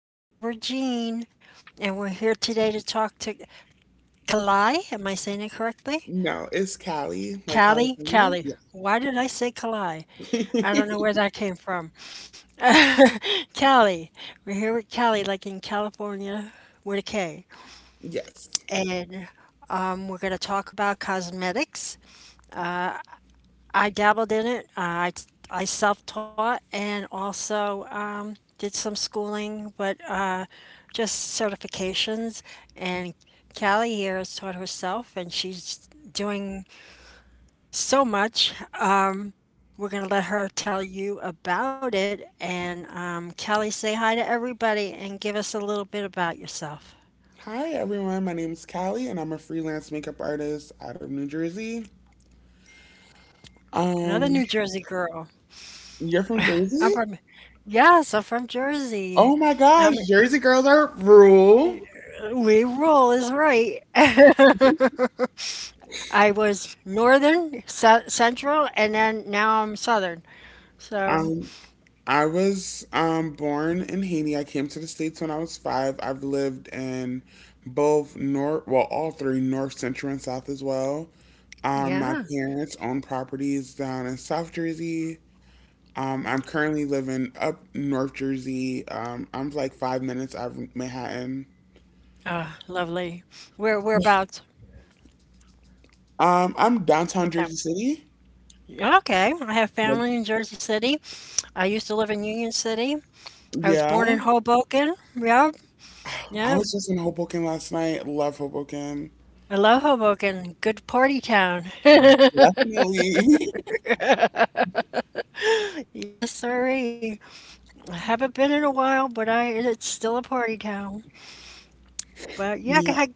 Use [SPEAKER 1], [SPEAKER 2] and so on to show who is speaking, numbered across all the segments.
[SPEAKER 1] It's Barbara Jean, and we're here today to talk to Kali. Am I saying it correctly?
[SPEAKER 2] No, it's Cali, like
[SPEAKER 1] Callie,
[SPEAKER 2] California.
[SPEAKER 1] Callie.
[SPEAKER 2] Yeah.
[SPEAKER 1] Why did I say Kali? I don't know where that came from. Callie. We're here with Callie, like in California with a K.
[SPEAKER 2] Yes.
[SPEAKER 1] And we're going to talk about cosmetics. I dabbled in it. I I self-taught and also did some schooling, but just certifications. And Callie here has taught herself, and she's doing so much. Um, we're gonna let her tell you about it. And Callie, say hi to everybody and give us a little bit about yourself.
[SPEAKER 2] Hi everyone. My name's Callie and I'm a freelance makeup artist out of New Jersey.
[SPEAKER 1] Another
[SPEAKER 2] Um,
[SPEAKER 1] New Jersey girl.
[SPEAKER 2] you're from
[SPEAKER 1] I'm
[SPEAKER 2] Jersey?
[SPEAKER 1] from yes, I'm from Jersey.
[SPEAKER 2] Oh my gosh,
[SPEAKER 1] Um,
[SPEAKER 2] Jersey girls are rule.
[SPEAKER 1] we roll is right. I was northern, central, and then now I'm southern. So
[SPEAKER 2] Um, I was born in Haiti. I came to the States when I was five. I've lived in both north, well, all three, north, central, and south as well. My
[SPEAKER 1] yeah,
[SPEAKER 2] parents own properties down in South Jersey. I'm currently living up North Jersey. I'm like five minutes out of Manhattan.
[SPEAKER 1] lovely. Whereabouts?
[SPEAKER 2] I'm
[SPEAKER 1] What
[SPEAKER 2] downtown
[SPEAKER 1] town?
[SPEAKER 2] Jersey City.
[SPEAKER 1] Yeah, okay, I have
[SPEAKER 2] Like,
[SPEAKER 1] family in Jersey City. I used to live in Union City. I was
[SPEAKER 2] yeah.
[SPEAKER 1] born in Hoboken. Yeah,
[SPEAKER 2] I
[SPEAKER 1] yeah.
[SPEAKER 2] was just in Hoboken last night. Love Hoboken.
[SPEAKER 1] I love Hoboken. Good party town.
[SPEAKER 2] Definitely.
[SPEAKER 1] Yes, sirree. I haven't been in a while, but I it's still a party town. But yeah, can
[SPEAKER 2] Yeah.
[SPEAKER 1] I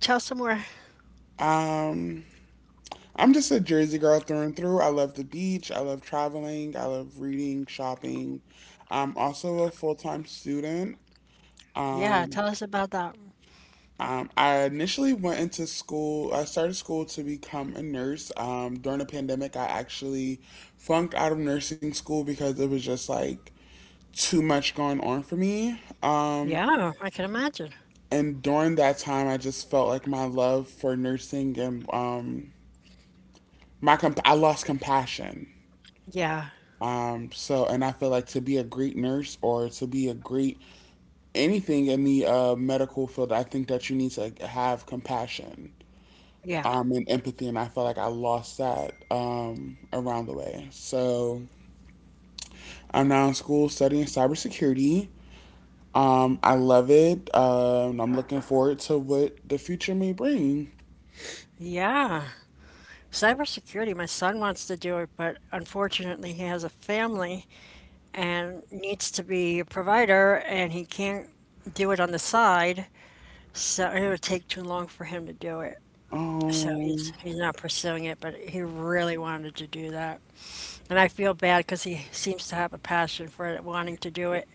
[SPEAKER 1] tell some more?
[SPEAKER 2] Um, I'm just a Jersey girl through and through. I love the beach. I love traveling. I love reading, shopping. I'm also a full time student.
[SPEAKER 1] Yeah,
[SPEAKER 2] Um,
[SPEAKER 1] tell us about that.
[SPEAKER 2] I initially went into school. I started school to become a nurse. During the pandemic, I actually flunked out of nursing school because it was just like too much going on for me.
[SPEAKER 1] Yeah, I can imagine.
[SPEAKER 2] And during that time, I just felt like my love for nursing and I lost compassion.
[SPEAKER 1] Yeah.
[SPEAKER 2] So, and I feel like to be a great nurse or to be a great anything in the medical field, I think that you need to, like, have compassion
[SPEAKER 1] Yeah.
[SPEAKER 2] and empathy, and I felt like I lost that around the way. So I'm now in school studying cybersecurity. I love it. I'm looking forward to what the future may bring.
[SPEAKER 1] Yeah. Cybersecurity, my son wants to do it, but unfortunately he has a family and needs to be a provider and he can't do it on the side, so it would take too long for him to do it. So he's
[SPEAKER 2] Um,
[SPEAKER 1] he's not pursuing it, but he really wanted to do that. And I feel bad because he seems to have a passion for it, wanting to do it,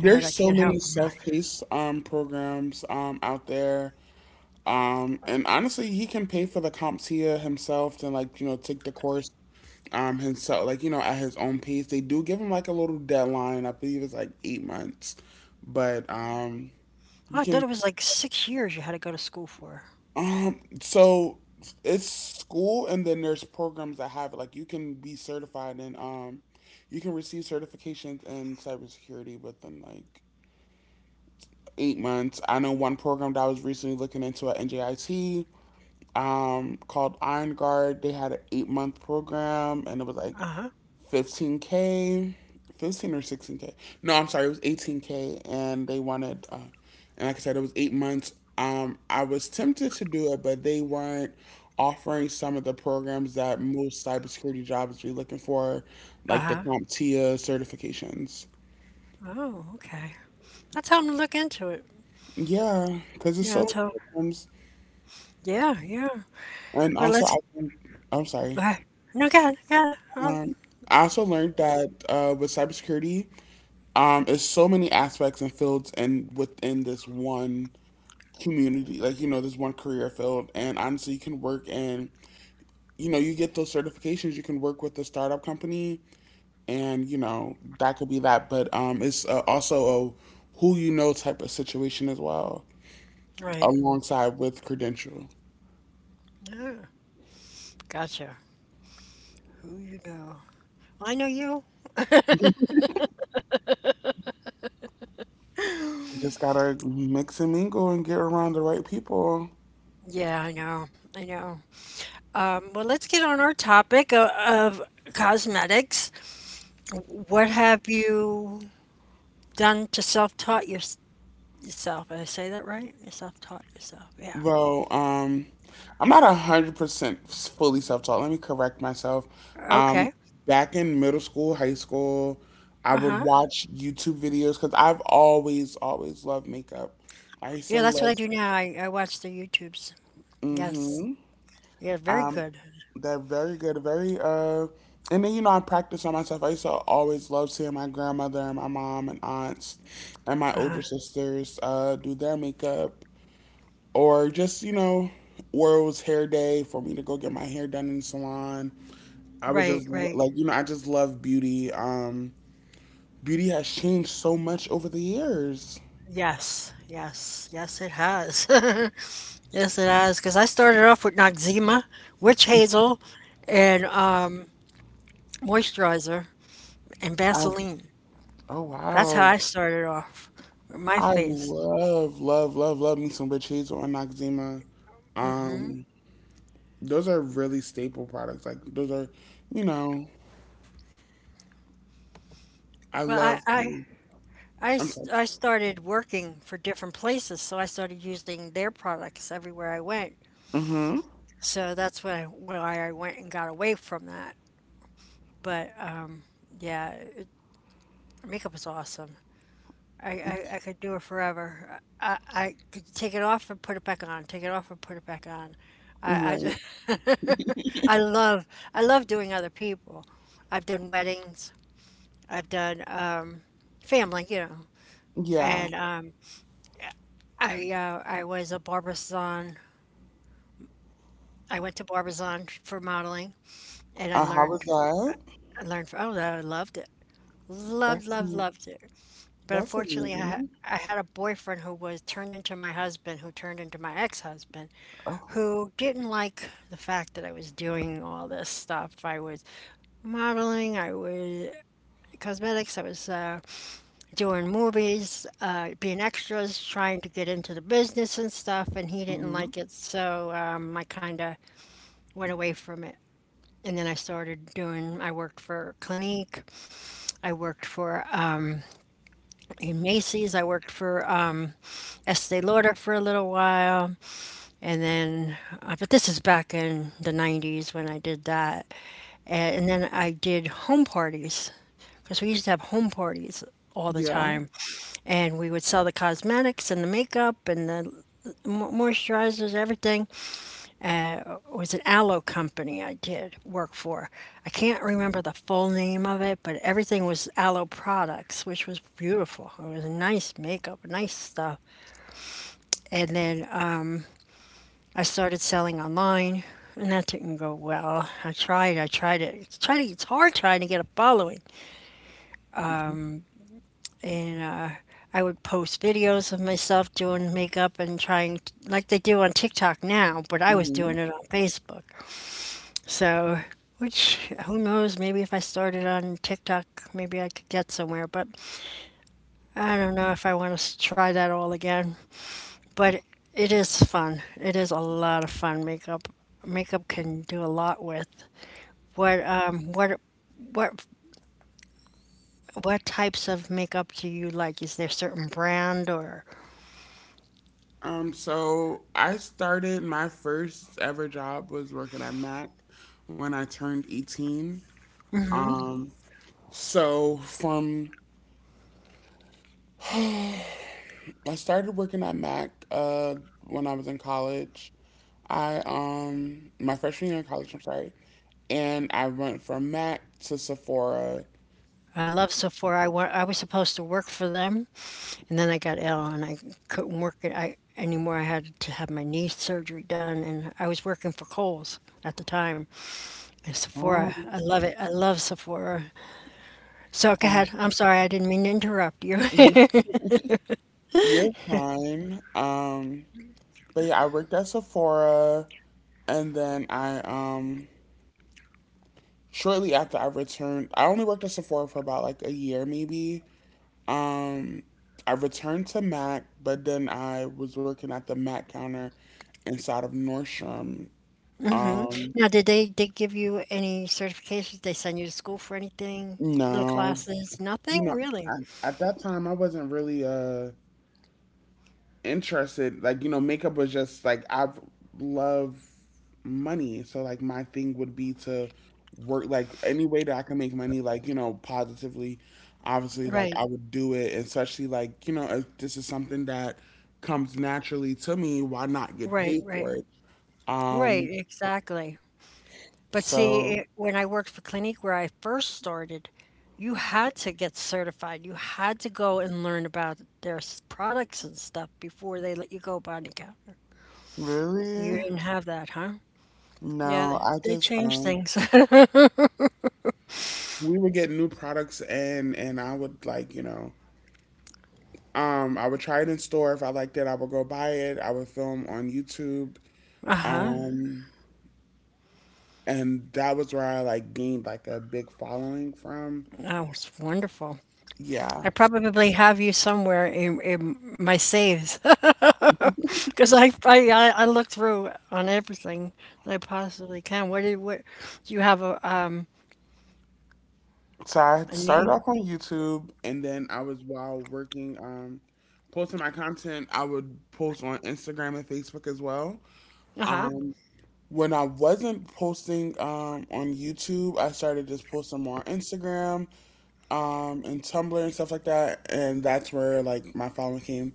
[SPEAKER 1] and I
[SPEAKER 2] so
[SPEAKER 1] can't help
[SPEAKER 2] many
[SPEAKER 1] him out.
[SPEAKER 2] self-paced programs out there, and honestly, he can pay for the CompTIA himself and, like, you know, take the course himself, like, you know, at his own pace. They do give him like a little deadline. I believe it's like eight months, but
[SPEAKER 1] Oh,
[SPEAKER 2] you
[SPEAKER 1] I thought
[SPEAKER 2] can
[SPEAKER 1] it was like 6 years you had to go to school for.
[SPEAKER 2] um so it's school and then there's programs that have it. Like, you can be certified in you can receive certifications in cybersecurity within like eight months. I know one program that I was recently looking into at NJIT called Iron Guard. They had an eight-month program and it was like
[SPEAKER 1] Uh-huh.
[SPEAKER 2] 15k 15 or 16k no, I'm sorry, it was 18K, and they wanted and like I said, it was eight months. I was tempted to do it, but they weren't offering some of the programs that most cybersecurity jobs be looking for, like the
[SPEAKER 1] Uh-huh.
[SPEAKER 2] CompTIA certifications.
[SPEAKER 1] Oh, okay. I'll tell him to look into it.
[SPEAKER 2] Yeah, because it's
[SPEAKER 1] Yeah,
[SPEAKER 2] so
[SPEAKER 1] so
[SPEAKER 2] many programs.
[SPEAKER 1] yeah, yeah.
[SPEAKER 2] And
[SPEAKER 1] Well,
[SPEAKER 2] also i
[SPEAKER 1] let's.
[SPEAKER 2] i'm sorry
[SPEAKER 1] Uh, no, God, God.
[SPEAKER 2] um I also learned that, with cybersecurity, there's so many aspects and fields, and within this one community, like, you know, there's one career field, and honestly you can work and, you know, you get those certifications, you can work with a startup company, and, you know, that could be that, but it's also a who you know type of situation as well,
[SPEAKER 1] Right.
[SPEAKER 2] alongside with credential.
[SPEAKER 1] Yeah, gotcha. Who you know? Well, I know you.
[SPEAKER 2] Just gotta mix and mingle and get around the right people.
[SPEAKER 1] Yeah, I know. I know. Well, let's get on our topic of cosmetics. What have you done to self-taught yourself? Did I say that right? You self-taught yourself. Yeah.
[SPEAKER 2] Well, I'm not 100% fully self-taught. Let me correct myself. Um,
[SPEAKER 1] Okay.
[SPEAKER 2] Back in middle school, high school, I would
[SPEAKER 1] Uh-huh.
[SPEAKER 2] watch YouTube videos because I've always, always loved makeup. I used
[SPEAKER 1] Yeah,
[SPEAKER 2] to
[SPEAKER 1] that's what I
[SPEAKER 2] love.
[SPEAKER 1] do now. I watch the YouTubes. Yes.
[SPEAKER 2] Mm-hmm.
[SPEAKER 1] Yeah, very
[SPEAKER 2] Um,
[SPEAKER 1] good.
[SPEAKER 2] they're very good, very, and then, you know, I practice on myself. I used to always love seeing my grandmother and my mom and aunts and my older
[SPEAKER 1] Uh-huh.
[SPEAKER 2] sisters do their makeup, or just, you know, world's hair day for me to go get my hair done in the salon. I would
[SPEAKER 1] Right,
[SPEAKER 2] just
[SPEAKER 1] right.
[SPEAKER 2] like, you know, I just love beauty. Beauty has changed so much over the years.
[SPEAKER 1] Yes, yes, yes, it has. Yes, it has. Because I started off with Noxzema, witch hazel, and moisturizer and
[SPEAKER 2] I,
[SPEAKER 1] Vaseline.
[SPEAKER 2] oh,
[SPEAKER 1] That's how
[SPEAKER 2] wow.
[SPEAKER 1] I started off with my
[SPEAKER 2] I
[SPEAKER 1] face.
[SPEAKER 2] love, love, love, love me some witch hazel and Noxzema. um those are really staple products, like, those are, you know, I
[SPEAKER 1] Well,
[SPEAKER 2] love i'm sorry
[SPEAKER 1] I started working for different places, so I started using their products everywhere I went.
[SPEAKER 2] Mm-hmm.
[SPEAKER 1] So that's why I went and got away from that. But yeah, makeup is awesome. I could do it forever. I could take it off and put it back on. Take it off and put it back on. I
[SPEAKER 2] Right.
[SPEAKER 1] I I love I love doing other people. I've done weddings. I've done family.
[SPEAKER 2] Yeah.
[SPEAKER 1] And I was a barber's-on. I went to barber's-on for modeling, and I
[SPEAKER 2] How was
[SPEAKER 1] learned
[SPEAKER 2] that?
[SPEAKER 1] I learned from. Oh, I loved it. Loved,
[SPEAKER 2] that's
[SPEAKER 1] loved, loved it. But
[SPEAKER 2] that's
[SPEAKER 1] unfortunately,
[SPEAKER 2] amazing.
[SPEAKER 1] I had a boyfriend who was turned into my husband, who turned into my ex-husband,
[SPEAKER 2] Oh.
[SPEAKER 1] who didn't like the fact that I was doing all this stuff. I was modeling, I was cosmetics, I was doing movies, being extras, trying to get into the business and stuff, and he didn't
[SPEAKER 2] Mm-hmm.
[SPEAKER 1] like it. So I kind of went away from it. And then I worked for Clinique, I worked for in Macy's, I worked for Estee Lauder for a little while. And then but this is back in the 90s when I did that. And then I did home parties because we used to have home parties all the
[SPEAKER 2] Yeah.
[SPEAKER 1] time, and we would sell the cosmetics and the makeup and the moisturizers, everything. It was an aloe company I did work for. I can't remember the full name of it, but everything was aloe products, which was beautiful. It was nice makeup, nice stuff. And then I started selling online, and that didn't go well. I tried it. It's hard trying to get a following. And I would post videos of myself doing makeup and like they do on TikTok now, but I was
[SPEAKER 2] Hmm.
[SPEAKER 1] doing it on Facebook. So, which, who knows, maybe if I started on TikTok, maybe I could get somewhere, but I don't know if I want to try that all again. But it is fun. It is a lot of fun. Makeup can do a lot with. What um what what what types of makeup do you like? Is there certain brand or?
[SPEAKER 2] So I started, my first ever job was working at Mac when I turned 18. Um, so from I started working at Mac when I was in college. I my freshman year in college, I'm sorry, and I went from Mac to Sephora.
[SPEAKER 1] I love Sephora. I was supposed to work for them, and then I got ill and I couldn't work it I anymore. I had to have my knee surgery done and I was working for Kohl's at the time. And
[SPEAKER 2] Um,
[SPEAKER 1] Sephora, I love it. I love Sephora. So go
[SPEAKER 2] um,
[SPEAKER 1] ahead. I'm sorry, I didn't mean to interrupt you.
[SPEAKER 2] y- you're fine. But yeah, I worked at Sephora, and then I shortly after I returned, I only worked at Sephora for about like a year maybe. Um, I returned to Mac, but then I was working at the Mac counter inside of Nordstrom. Um,
[SPEAKER 1] Now, did they give you any certifications? They send you to school for anything? Little
[SPEAKER 2] no,
[SPEAKER 1] classes? Nothing?
[SPEAKER 2] you know,
[SPEAKER 1] Really?
[SPEAKER 2] I, at that time I wasn't really interested. Like, you know, makeup was just like I love money, so, like, my thing would be to work like any way that I can make money, like, you know, positively. Obviously, like,
[SPEAKER 1] Right.
[SPEAKER 2] I would do it, and especially, like, you know, if this is something that comes naturally to me, why not get
[SPEAKER 1] Right,
[SPEAKER 2] paid
[SPEAKER 1] right,
[SPEAKER 2] for it?
[SPEAKER 1] right,
[SPEAKER 2] Um,
[SPEAKER 1] exactly. But see,
[SPEAKER 2] so
[SPEAKER 1] when I worked for Clinique, where I first started, you had to get certified. You had to go and learn about their products and stuff before they let you go behind the counter. You
[SPEAKER 2] Really.
[SPEAKER 1] didn't have that, huh? Yeah,
[SPEAKER 2] No,
[SPEAKER 1] they
[SPEAKER 2] I
[SPEAKER 1] they
[SPEAKER 2] just
[SPEAKER 1] changed things.
[SPEAKER 2] we would get new products and I would, like, you know, I would try it in store. If I liked it, I would go buy it. I would film on YouTube.
[SPEAKER 1] Uh-huh.
[SPEAKER 2] Um, and that was where I, like, gained like a big following from.
[SPEAKER 1] Oh, it's wonderful. I
[SPEAKER 2] Yeah.
[SPEAKER 1] probably have you somewhere in my saves because I look through on everything that I possibly can. What do you have a um
[SPEAKER 2] So I
[SPEAKER 1] a
[SPEAKER 2] started
[SPEAKER 1] name?
[SPEAKER 2] off on YouTube, and then I was while working posting my content, I would post on Instagram and Facebook as well.
[SPEAKER 1] Uh-huh.
[SPEAKER 2] Um when I wasn't posting on YouTube, I started just posting more on Instagram, and Tumblr and stuff like that, and that's where, like, my following came.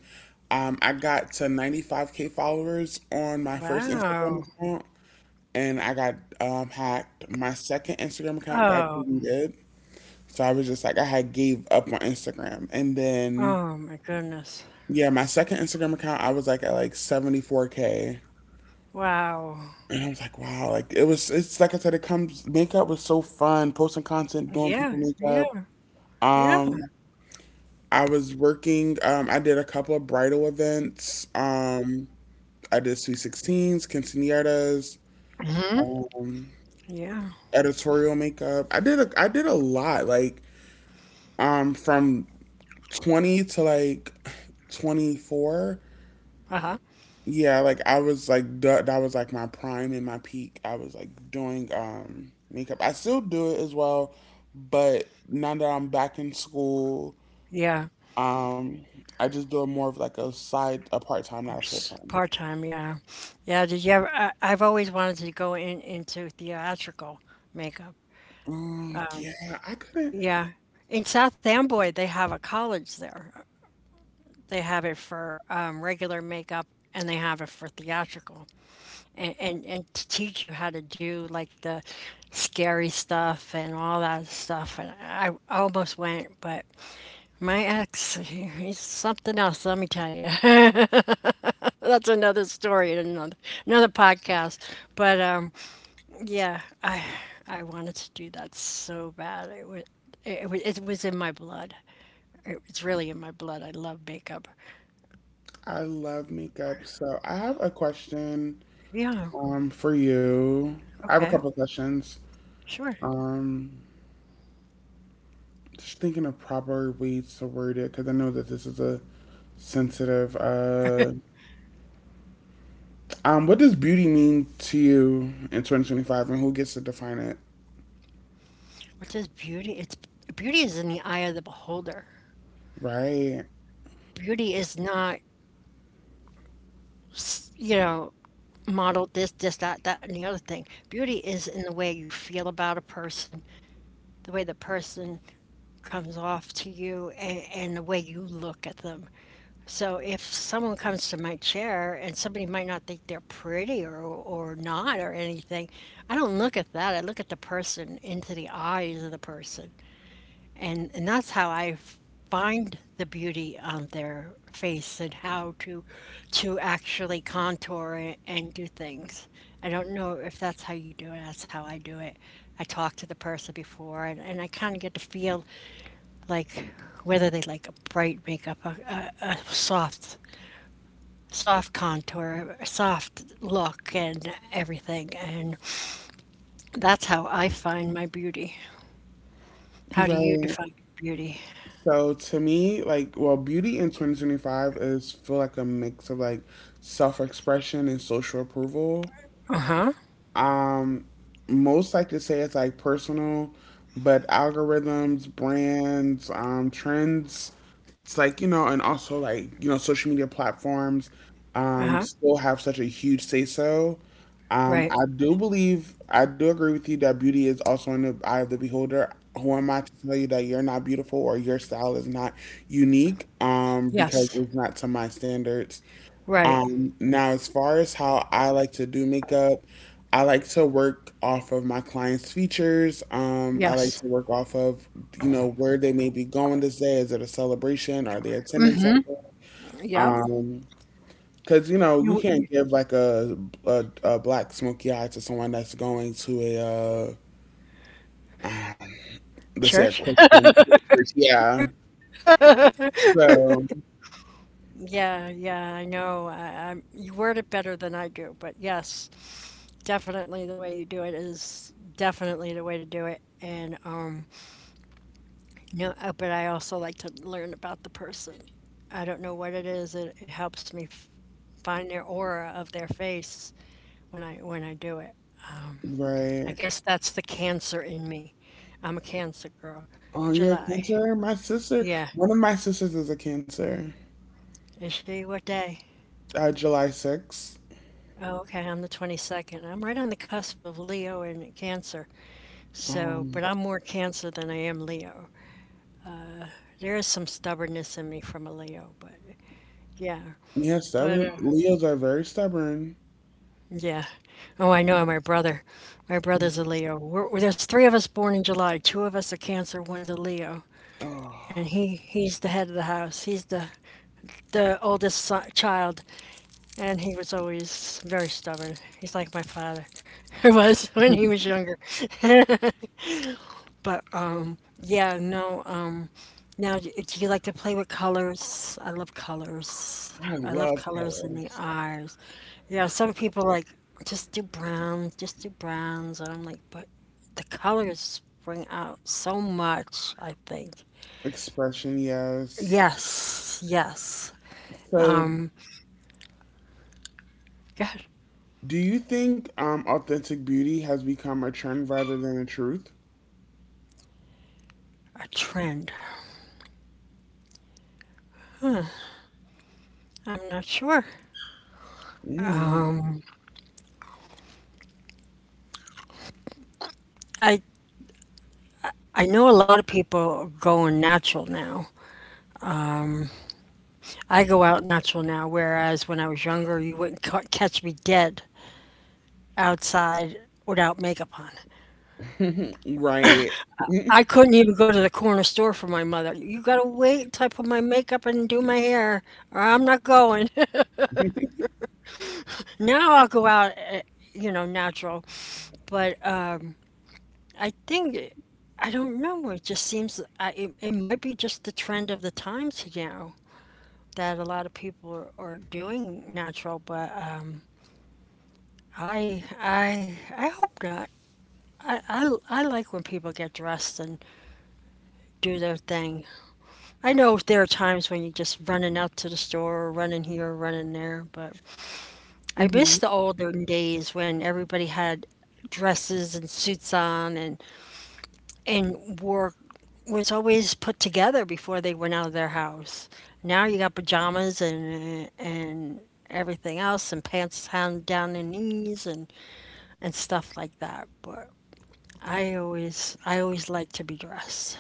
[SPEAKER 2] I got to 95K followers on my first
[SPEAKER 1] Wow.
[SPEAKER 2] Instagram account, and I got hacked. My second Instagram account got
[SPEAKER 1] Oh.
[SPEAKER 2] deleted, so I was just like, I had gave up on Instagram. And then,
[SPEAKER 1] Oh my goodness.
[SPEAKER 2] yeah, my second Instagram account, I was like at like 74K,
[SPEAKER 1] Wow.
[SPEAKER 2] and I was like, wow, like it was. It's like I said, it comes. Makeup was so fun. Posting content, doing
[SPEAKER 1] Yeah.
[SPEAKER 2] people makeup.
[SPEAKER 1] Yeah. Yeah.
[SPEAKER 2] Um, I was working. I did a couple of bridal events. I did sweet sixteens, quinceañeras.
[SPEAKER 1] Hmm.
[SPEAKER 2] um,
[SPEAKER 1] Yeah.
[SPEAKER 2] Editorial makeup. I did a lot, like, from 20 to like 24.
[SPEAKER 1] Uh-huh.
[SPEAKER 2] Yeah, like, I was like that, that was like my prime and my peak. I was like doing makeup. I still do it as well, but now that I'm back in school,
[SPEAKER 1] Yeah.
[SPEAKER 2] um I just do it more of like a side, a part-time, not a full-time.
[SPEAKER 1] Part-time, yeah. Yeah, did you ever I've always wanted to go in into theatrical makeup.
[SPEAKER 2] Yeah, I couldn't.
[SPEAKER 1] Yeah. In South Amboy, they have a college there. They have it for regular makeup, and they have it for theatrical. And to teach you how to do like the scary stuff and all that stuff, and I almost went, but my ex he's something else, let me tell you. That's another story in another podcast. But yeah, I wanted to do that so bad. It was in my blood. It was really in my blood. I love makeup.
[SPEAKER 2] I love makeup. So I have a question.
[SPEAKER 1] Yeah.
[SPEAKER 2] For you, I have a
[SPEAKER 1] Okay.
[SPEAKER 2] couple of questions.
[SPEAKER 1] Sure.
[SPEAKER 2] Um, just thinking of proper ways to word it because I know that this is a sensitive. What does beauty mean to you in 2025, and who gets to define it?
[SPEAKER 1] What does beauty? It's Beauty is in the eye of the beholder.
[SPEAKER 2] Right,
[SPEAKER 1] Beauty is not, you know, model this, this, that, that, and the other thing. Beauty is in the way you feel about a person, the way the person comes off to you, and the way you look at them. So if someone comes to my chair and somebody might not think they're pretty or not or anything, I don't look at that. I look at the person into the eyes of the person. And that's how I find the beauty on their face and how to actually contour it and do things. I don't know if that's how you do it. That's how I do it. I talk to the person before, and I kind of get to feel like whether they like a bright makeup, a soft soft contour, a soft look, and everything. And that's how I find my beauty. How do you
[SPEAKER 2] right.
[SPEAKER 1] define beauty?
[SPEAKER 2] So, to me, like, well, beauty in 2025 is feel like a mix of like self-expression and social approval. Um, Most like to say it's like personal, but algorithms, brands, trends, it's like, you know, and also, like, you know, social media platforms
[SPEAKER 1] Uh huh.
[SPEAKER 2] still have such a huge say so.
[SPEAKER 1] Right.
[SPEAKER 2] I do believe, I do agree with you that beauty is also in the eye of the beholder. Who am I to tell you that you're not beautiful or your style is not unique? Because
[SPEAKER 1] Yes.
[SPEAKER 2] it's not to my standards.
[SPEAKER 1] Right.
[SPEAKER 2] Now, as far as how I like to do makeup, I like to work off of my clients' features. I like
[SPEAKER 1] Yes.
[SPEAKER 2] to work off of, you know, where they may be going this day. Is it a celebration? Are they attending
[SPEAKER 1] Mhm.
[SPEAKER 2] something?
[SPEAKER 1] Yep.
[SPEAKER 2] Um, because, you know, you
[SPEAKER 1] You
[SPEAKER 2] can't
[SPEAKER 1] you
[SPEAKER 2] give like a black smoky eye to someone that's going to uh, um, let's say, a
[SPEAKER 1] church?
[SPEAKER 2] Christian church. Yeah. So,
[SPEAKER 1] Yeah, yeah, I know. I you word it better than I do, but yes, definitely the way you do it is definitely the way to do it. And no, but I also like to learn about the person. I don't know what it is. It helps me find their aura of their face when I do it. I
[SPEAKER 2] right.
[SPEAKER 1] guess that's the cancer in me. I'm a Cancer girl.
[SPEAKER 2] Oh, you're a
[SPEAKER 1] July.
[SPEAKER 2] cancer?
[SPEAKER 1] Yeah.
[SPEAKER 2] One of my sisters is a cancer.
[SPEAKER 1] Is she what day?
[SPEAKER 2] Uh, July 6th.
[SPEAKER 1] Oh, okay. I'm the 22nd. I'm right on the cusp of Leo and Cancer. So, but
[SPEAKER 2] Um,
[SPEAKER 1] I'm more Cancer than I am Leo. There is some stubbornness in me from a Leo, but yeah.
[SPEAKER 2] yeah,
[SPEAKER 1] But
[SPEAKER 2] stubborn. Leos are very stubborn.
[SPEAKER 1] yeah. Oh, I know. My brother's a Leo. There's three of us born in July. Two of us are Cancer, one's a Leo, and
[SPEAKER 2] Oh.
[SPEAKER 1] he's the head of the house. He's the oldest son, child, and he was always very stubborn. He's like my father. I was when he was younger, but yeah, no. Now, do you like to play with colors? I love colors.
[SPEAKER 2] I
[SPEAKER 1] I love
[SPEAKER 2] love
[SPEAKER 1] colors in the
[SPEAKER 2] colors.
[SPEAKER 1] eyes. Yeah, some people like just do browns, just do browns. And I'm like, but the colors bring out so much, I think.
[SPEAKER 2] Expression, yes.
[SPEAKER 1] Yes, yes.
[SPEAKER 2] So,
[SPEAKER 1] God,
[SPEAKER 2] do you think authentic beauty has become a trend rather than a truth?
[SPEAKER 1] a trend. I'm not sure.
[SPEAKER 2] Mm.
[SPEAKER 1] I I know a lot of people are going natural now. I go out natural now, whereas when I was younger, you wouldn't catch me dead outside without makeup on.
[SPEAKER 2] Right.
[SPEAKER 1] I couldn't even go to the corner store for my mother. You gotta wait until I put my makeup and do my hair, or I'm not going. Now I'll go out, natural. But I think I don't know. It just seems it might be just the trend of the times now that a lot of people are doing natural. But I hope not. I like when people get dressed and do their thing. I know there are times when you're just running out to the store, running here, running there, but I miss
[SPEAKER 2] Mhm.
[SPEAKER 1] the olden days when everybody had dresses and suits on and wore was always put together before they went out of their house. Now you got pajamas and everything else and pants down the knees and stuff like that. But I always like to be dressed.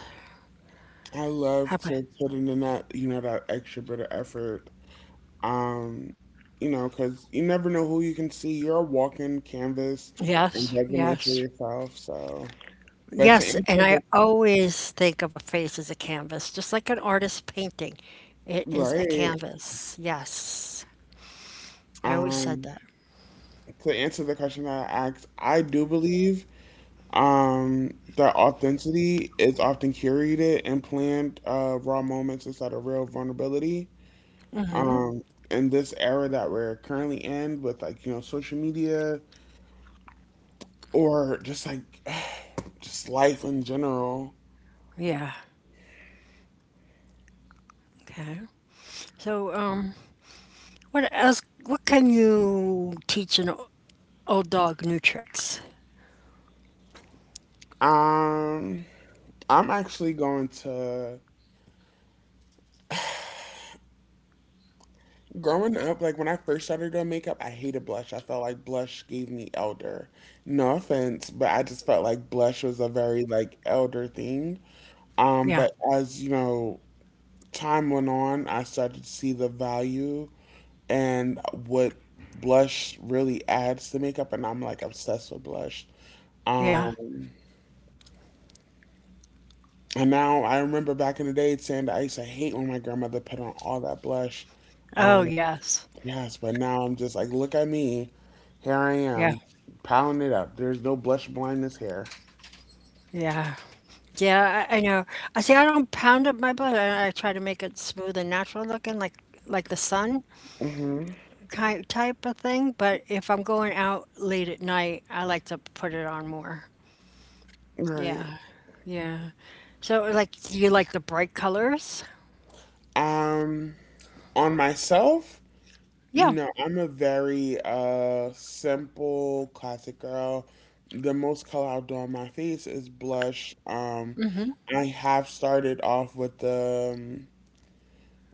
[SPEAKER 2] I love
[SPEAKER 1] How about
[SPEAKER 2] to put in that, you know, that extra bit of effort. Um, you know, because you never know who you can see. You're a walking canvas and
[SPEAKER 1] yes,
[SPEAKER 2] resume for
[SPEAKER 1] yes.
[SPEAKER 2] yourself. So. But to
[SPEAKER 1] Yes,
[SPEAKER 2] answer
[SPEAKER 1] and I
[SPEAKER 2] the
[SPEAKER 1] always think of a face as a canvas, just like an artist painting. It is a
[SPEAKER 2] Right.
[SPEAKER 1] canvas. Yes. I always said
[SPEAKER 2] um,
[SPEAKER 1] that.
[SPEAKER 2] to answer the question that I asked, I do believe that authenticity is often curated and planned, raw moments instead of real vulnerability. Um, in this era that we're currently in, with, like, you know, social media or just like just life in general.
[SPEAKER 1] Yeah. Okay. So, what else? What can you teach old dog new tricks?
[SPEAKER 2] Um, I'm actually going to Growing up, like when I first started doing makeup, I hated blush. I felt like blush gave me elder. No offense, but I just felt like blush was a very like elder thing.
[SPEAKER 1] Yeah.
[SPEAKER 2] But as you know, time went on. I started to see the value and what blush really adds to makeup, and I'm like obsessed with blush.
[SPEAKER 1] Yeah.
[SPEAKER 2] Um, and now I remember back in the day saying that I used to hate when my grandmother put on all that blush.
[SPEAKER 1] Oh,
[SPEAKER 2] Um,
[SPEAKER 1] yes.
[SPEAKER 2] Yes, but now I'm just like, look at me. Here I
[SPEAKER 1] Yeah.
[SPEAKER 2] am, piling it up. There's no blush blindness here.
[SPEAKER 1] Yeah. Yeah, I know. I see I don't pound up my butt. I try to make it smooth and natural looking like the sun
[SPEAKER 2] Hmm.
[SPEAKER 1] kind type of thing, but if I'm going out late at night, I like to put it on more.
[SPEAKER 2] Right.
[SPEAKER 1] Yeah. Yeah. So, like, do you like the bright colors?
[SPEAKER 2] Um, on myself,
[SPEAKER 1] Yeah.
[SPEAKER 2] no, I'm a very simple classic girl. The most color I'll do on my face is blush. I have started off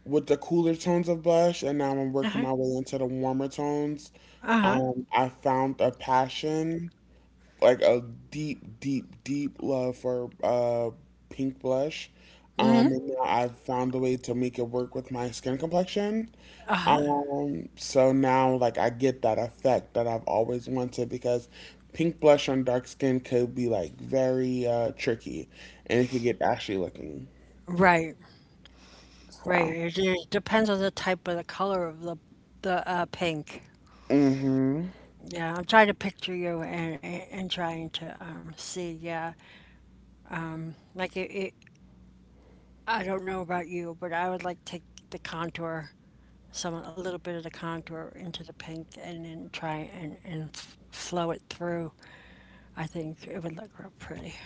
[SPEAKER 2] with the cooler tones of blush, and now I'm working
[SPEAKER 1] Uh-huh.
[SPEAKER 2] my way into the warmer tones.
[SPEAKER 1] Uh-huh.
[SPEAKER 2] I found a passion like a deep, deep, deep love for pink blush.
[SPEAKER 1] Mhm.
[SPEAKER 2] And now I've found a way to make it work with my skin complexion. So now like I get that effect that I've always wanted because pink blush on dark skin could be like very tricky, and it could get ashy looking.
[SPEAKER 1] Right.
[SPEAKER 2] So.
[SPEAKER 1] Right. It depends on the type of the color of the pink.
[SPEAKER 2] Mm-hmm.
[SPEAKER 1] Yeah, I'm trying to picture you and trying to see. Yeah, it. I don't know about you, but I would like take the contour some a little bit of the contour into the pink and then try and flow it through. I think it would look real pretty.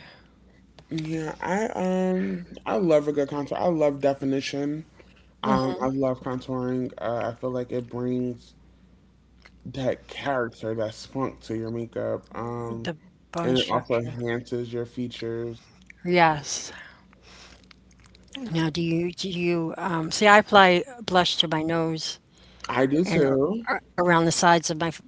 [SPEAKER 2] Yeah, I love a good contour. I love definition. I love contouring. I feel like it brings that character, that spunk to your makeup.
[SPEAKER 1] The
[SPEAKER 2] And
[SPEAKER 1] bone
[SPEAKER 2] it also
[SPEAKER 1] structure.
[SPEAKER 2] enhances your features.
[SPEAKER 1] Yes. Now, do you see? I apply blush to my nose
[SPEAKER 2] I do
[SPEAKER 1] and
[SPEAKER 2] too.
[SPEAKER 1] around the sides of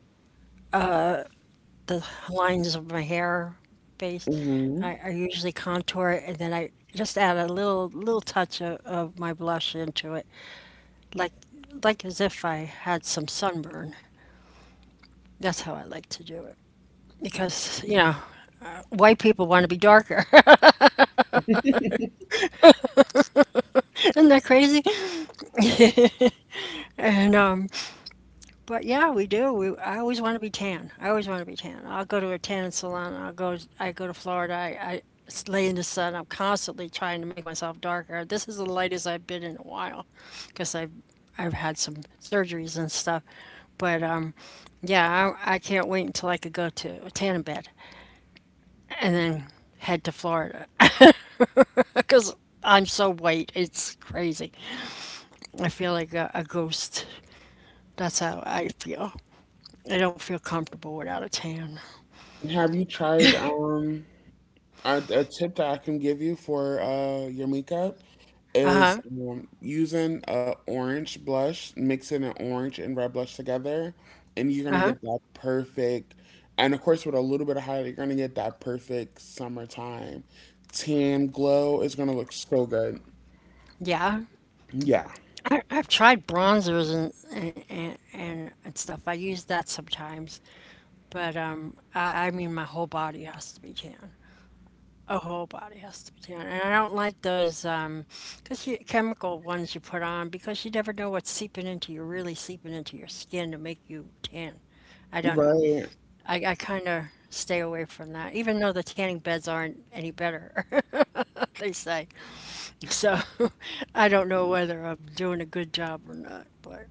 [SPEAKER 1] the lines of my hair base.
[SPEAKER 2] Hmm.
[SPEAKER 1] I usually contour it and then I just add a little touch of my blush into it, like like as if I had some sunburn. That's how I like to do it. Because you know white people want to be darker isn't that crazy. And but yeah I always want to be tan. I always want to be tan. I'll go to a tan salon, I go to Florida. I lay in the sun. I'm constantly trying to make myself darker. This is the lightest I've been in a while because I've had some surgeries and stuff. But yeah, I can't wait until I could go to a tanning bed and then head to Florida because I'm so white it's crazy. I feel like a ghost. That's how I feel. I don't feel comfortable without a tan.
[SPEAKER 2] Have you tried, a, tip that I can give you for your makeup
[SPEAKER 1] Uh huh.
[SPEAKER 2] is, using a orange blush, mixing an orange and red blush together, and you're
[SPEAKER 1] Uh
[SPEAKER 2] gonna
[SPEAKER 1] huh.
[SPEAKER 2] get that perfect. And of course, with a little bit of highlight, you're gonna get that perfect summertime tan glow. It's gonna look so good.
[SPEAKER 1] Yeah.
[SPEAKER 2] Yeah.
[SPEAKER 1] I've tried bronzers and stuff. I use that sometimes, but I mean, my whole body has to be tan. A whole body has to be tan, and I don't like those 'cause chemical ones you put on because you never know what's seeping into you, really seeping into your skin to make you tan. I don't know.
[SPEAKER 2] Right.
[SPEAKER 1] I kind of stay away from that, even though the tanning beds aren't any better, they say. So I don't know whether I'm doing a good job or not, but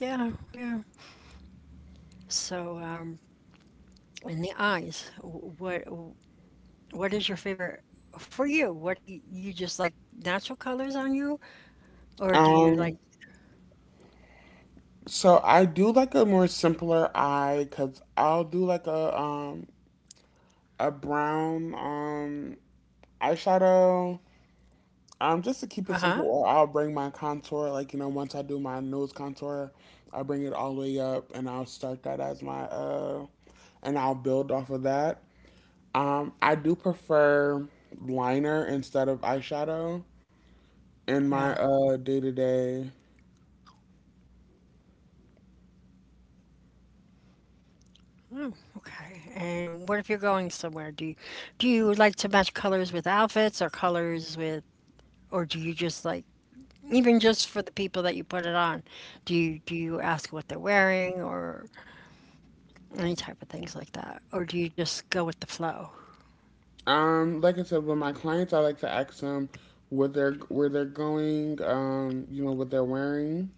[SPEAKER 1] yeah, yeah. So in the eyes, what is your favorite for you? What do you just like natural colors on you, or do you
[SPEAKER 2] Um,
[SPEAKER 1] like
[SPEAKER 2] so I do like a more simpler eye because I'll do like a brown eyeshadow. Just to keep it simple,
[SPEAKER 1] uh-huh?
[SPEAKER 2] or I'll bring my contour. Like you know, once I do my nose contour, I'll bring it all the way up, and I'll start that as my, and I'll build off of that. I do prefer liner instead of eyeshadow in my
[SPEAKER 1] Yeah.
[SPEAKER 2] day to day.
[SPEAKER 1] Okay. And what if you're going somewhere? Do you like to match colors with outfits or colors with or do you just like even just for the people that you put it on, do you ask what they're wearing or any type of things like that, or do you just go with the flow?
[SPEAKER 2] Like I said, with my clients, I like to ask them what they're where they're going, what they're wearing.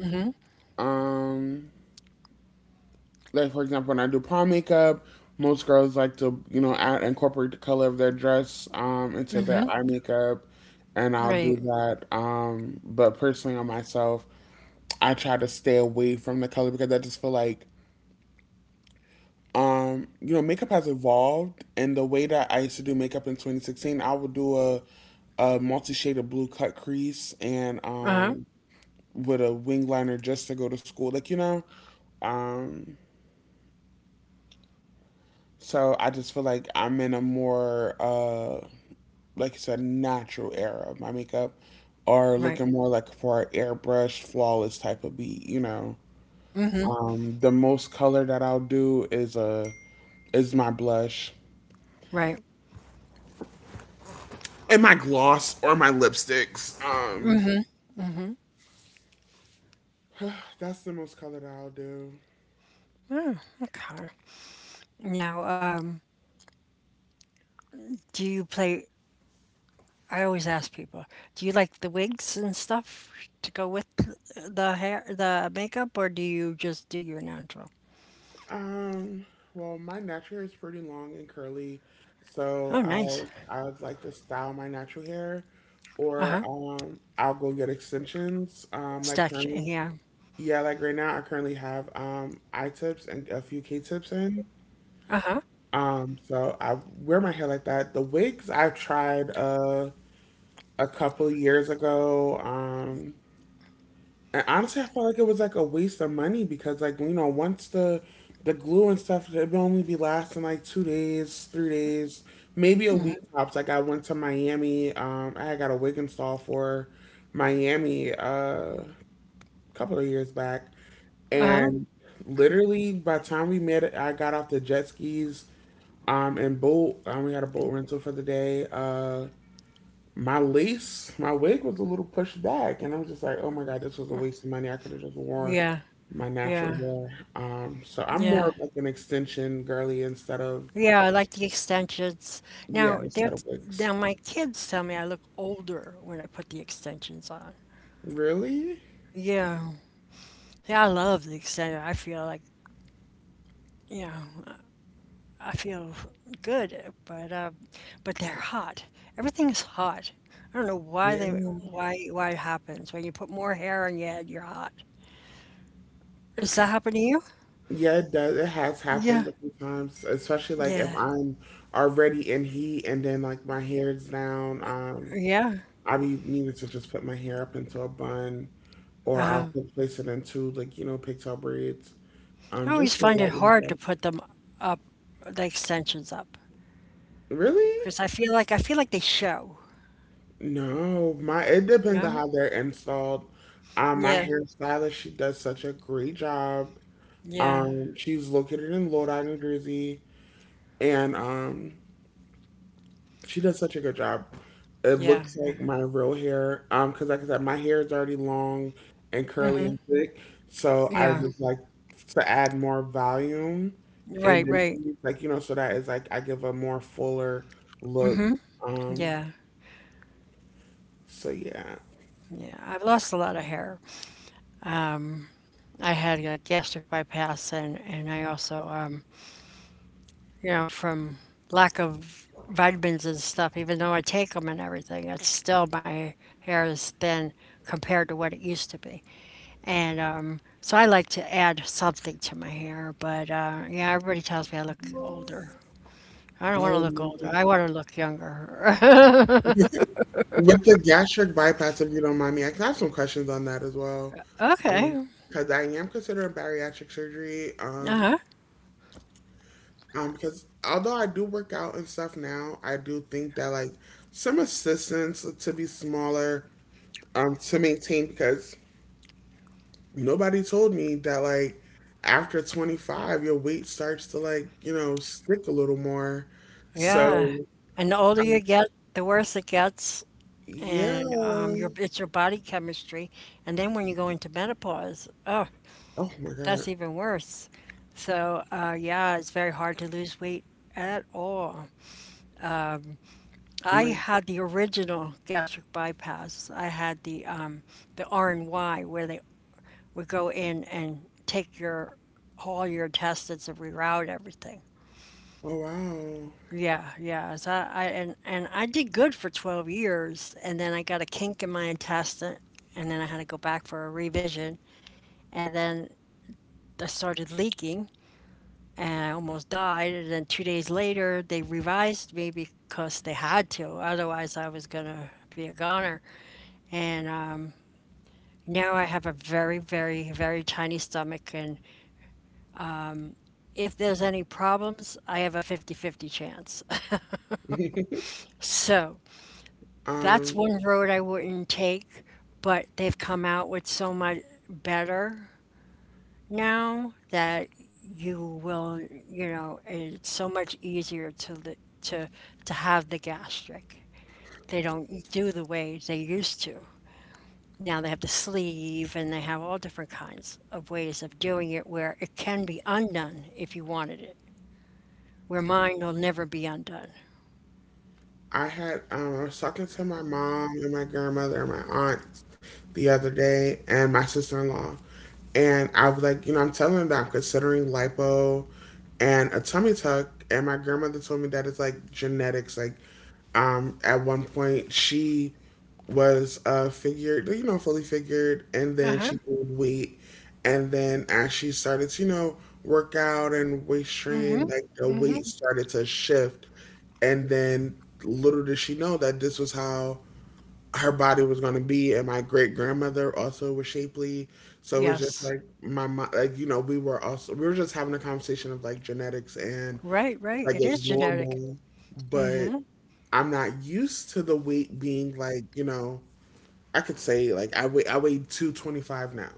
[SPEAKER 1] Hmm.
[SPEAKER 2] Um, like for example, when I do prom makeup, most girls like to, add, incorporate the color of their dress into their
[SPEAKER 1] Hmm.
[SPEAKER 2] eye makeup, and I'll do
[SPEAKER 1] Right.
[SPEAKER 2] that. But personally, on myself, I try to stay away from the color because I just feel like, makeup has evolved, and the way that I used to do makeup in 2016, I would do a multi-shade of blue cut crease and
[SPEAKER 1] Uh-huh.
[SPEAKER 2] with a wing liner just to go to school, like you know. um so I just feel like I'm in a more like you said natural era of my makeup, or
[SPEAKER 1] Right.
[SPEAKER 2] looking more like for an airbrush flawless type of beat, you know.
[SPEAKER 1] Hmm.
[SPEAKER 2] The most color that I'll do is a is my blush
[SPEAKER 1] Right.
[SPEAKER 2] and my gloss or my lipsticks. That's the most color that I'll do.
[SPEAKER 1] Okay. Now, do you play? I always ask people, do you like the wigs and stuff to go with the hair, the makeup, or do you just do your natural?
[SPEAKER 2] Um, well, my natural hair is pretty long and curly, so
[SPEAKER 1] Oh, nice.
[SPEAKER 2] I'd like to style my natural hair, or
[SPEAKER 1] Uh-huh.
[SPEAKER 2] I'll go get extensions. Like
[SPEAKER 1] Stack,
[SPEAKER 2] currently,
[SPEAKER 1] yeah.
[SPEAKER 2] yeah, like right now, I currently have eye tips and a few K tips in.
[SPEAKER 1] Uh-huh.
[SPEAKER 2] So I wear my hair like that. The wigs I've tried a couple years ago. And honestly, I felt like it was like a waste of money because like you know once the glue and stuff, it would only be lasting like 2 days, 3 days, maybe a week tops. Like I went to Miami, I had got a wig install for Miami, a couple of years back,
[SPEAKER 1] Uh-huh.
[SPEAKER 2] and literally by the time we met, I got off the jet skis and boat. We had a boat rental for the day. My lace, my wig was a little pushed back, and I was just like, oh my god, this was a waste of money. I could have just worn
[SPEAKER 1] Yeah.
[SPEAKER 2] my natural
[SPEAKER 1] Yeah.
[SPEAKER 2] hair. So I'm
[SPEAKER 1] Yeah.
[SPEAKER 2] more of like an extension girly instead of,
[SPEAKER 1] Yeah, I like the extensions.
[SPEAKER 2] yeah,
[SPEAKER 1] Now, they're
[SPEAKER 2] instead of wigs.
[SPEAKER 1] now my kids tell me I look older when I put the extensions on.
[SPEAKER 2] Really?
[SPEAKER 1] Yeah, yeah, I love the extension. I feel like, you know, I feel good, but they're hot. Everything's hot. I don't know
[SPEAKER 2] Yeah,
[SPEAKER 1] why it happens when you put more hair on your head, you're hot. Does that happen to you?
[SPEAKER 2] yeah, it does. It has
[SPEAKER 1] Yeah,
[SPEAKER 2] happened a few times, especially like if
[SPEAKER 1] yeah,
[SPEAKER 2] I'm already in heat and then like my hair's down.
[SPEAKER 1] yeah.
[SPEAKER 2] I be needing to just put my hair up into a bun, or I'll
[SPEAKER 1] Uh-huh.
[SPEAKER 2] place it into like you know pigtail braids.
[SPEAKER 1] I always
[SPEAKER 2] Just to
[SPEAKER 1] find it
[SPEAKER 2] lighten
[SPEAKER 1] hard
[SPEAKER 2] it.
[SPEAKER 1] to put them up, the extensions up,
[SPEAKER 2] Really?
[SPEAKER 1] because I feel like they show.
[SPEAKER 2] No, my it depends on
[SPEAKER 1] Yeah.
[SPEAKER 2] how they're installed. My
[SPEAKER 1] Yeah.
[SPEAKER 2] hairstylist, she does such a great job.
[SPEAKER 1] Yeah.
[SPEAKER 2] She's located in Lodi, New Jersey, and, she does such a good job. It
[SPEAKER 1] Yeah.
[SPEAKER 2] looks
[SPEAKER 1] Uh,
[SPEAKER 2] like my real hair. Because like I said, my hair is already long and curly and thick, so I
[SPEAKER 1] yeah.
[SPEAKER 2] just like to add more volume and
[SPEAKER 1] Right. Right.
[SPEAKER 2] density, like you know, so that is like I give a more fuller look. Um,
[SPEAKER 1] Yeah.
[SPEAKER 2] so yeah.
[SPEAKER 1] Yeah. I've lost a lot of hair. Um, I had a gastric bypass, and I also, you know, from lack of vitamins and stuff. Even though I take them and everything, it's still my hair is thin compared to what it used to be. And so I like to add something to my hair. But yeah, everybody tells me I look older. I don't want to
[SPEAKER 2] Oh
[SPEAKER 1] look
[SPEAKER 2] man.
[SPEAKER 1] older. I want to look younger.
[SPEAKER 2] With the gastric bypass, if you don't mind me, I can have some questions on that as well. Um,
[SPEAKER 1] Okay.
[SPEAKER 2] because I am considering bariatric surgery.
[SPEAKER 1] Uh-huh.
[SPEAKER 2] Because although I do work out and stuff now, I do think that like some assistance to be smaller, to maintain, because nobody told me that like after 25 your weight starts to like, you know, stick a little more.
[SPEAKER 1] Yeah.
[SPEAKER 2] So,
[SPEAKER 1] And the older you
[SPEAKER 2] um,
[SPEAKER 1] get, the worse it gets.
[SPEAKER 2] yeah.
[SPEAKER 1] And your it's your body chemistry. And then when you go into menopause, oh,
[SPEAKER 2] Oh my
[SPEAKER 1] that's
[SPEAKER 2] God.
[SPEAKER 1] even worse. So yeah, it's very hard to lose weight at all. I
[SPEAKER 2] My.
[SPEAKER 1] had the original gastric bypass. I had the R&Y where they would go in and take your all your intestines and reroute everything.
[SPEAKER 2] Oh wow.
[SPEAKER 1] Yeah, yeah. So I and I did good for 12 years and then I got a kink in my intestine and then I had to go back for a revision and then I started leaking and I almost died and then two days later they revised me because they had to, otherwise I was gonna be a goner. And now I have a very tiny stomach, and if there's any problems I have a 50-50 chance. So that's
[SPEAKER 2] Um,
[SPEAKER 1] one road I wouldn't take, but they've come out with so much better now that you will, you know, it's so much easier to to have the gastric. They don't do the way they used to. Now they have the sleeve and they have all different kinds of ways of doing it where it can be undone if you wanted it, where mine will never be undone.
[SPEAKER 2] I was talking to my mom and my grandmother and my aunt the other day, and my sister in law, and I was like, you know, I'm telling them that I'm considering lipo and a tummy tuck, and my grandmother told me that it's like genetics. Like, at one point she was figured, you know, fully figured, and then
[SPEAKER 1] Uh-huh.
[SPEAKER 2] she gained weight, and then as she started to, work out and weight train, like the weight started to shift. And then little did she know that this was how her body was going to be. And my great grandmother also was shapely. So it was just
[SPEAKER 1] Yes.
[SPEAKER 2] like my mom, like, we were just having a conversation of like genetics, and
[SPEAKER 1] Right,
[SPEAKER 2] like
[SPEAKER 1] right. It
[SPEAKER 2] it's
[SPEAKER 1] is genetic.
[SPEAKER 2] normal, but
[SPEAKER 1] Mm-hmm.
[SPEAKER 2] I'm not used to the weight being like, I could say like I weigh 225 now.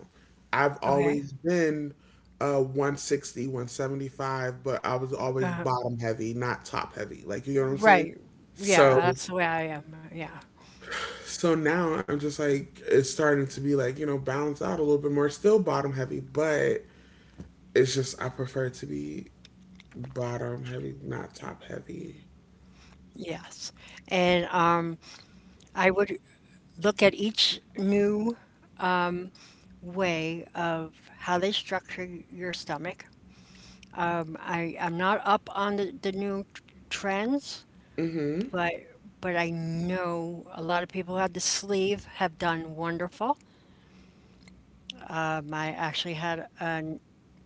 [SPEAKER 2] I've
[SPEAKER 1] Okay.
[SPEAKER 2] always been one sixty one seventy five, but I was always
[SPEAKER 1] Uh,
[SPEAKER 2] bottom heavy, not top heavy. Like you know what I'm saying?
[SPEAKER 1] right. Yeah,
[SPEAKER 2] So
[SPEAKER 1] that's the way I am. Yeah.
[SPEAKER 2] so now I'm just like it's starting to be like, balanced out a little bit more, still bottom heavy, but it's just I prefer to be bottom heavy, not top heavy.
[SPEAKER 1] Yes. And I would look at each new way of how they structure your stomach. I I'm not up on the new trends,
[SPEAKER 2] Mhm.
[SPEAKER 1] but but I know a lot of people who had the sleeve have done wonderful. I actually had a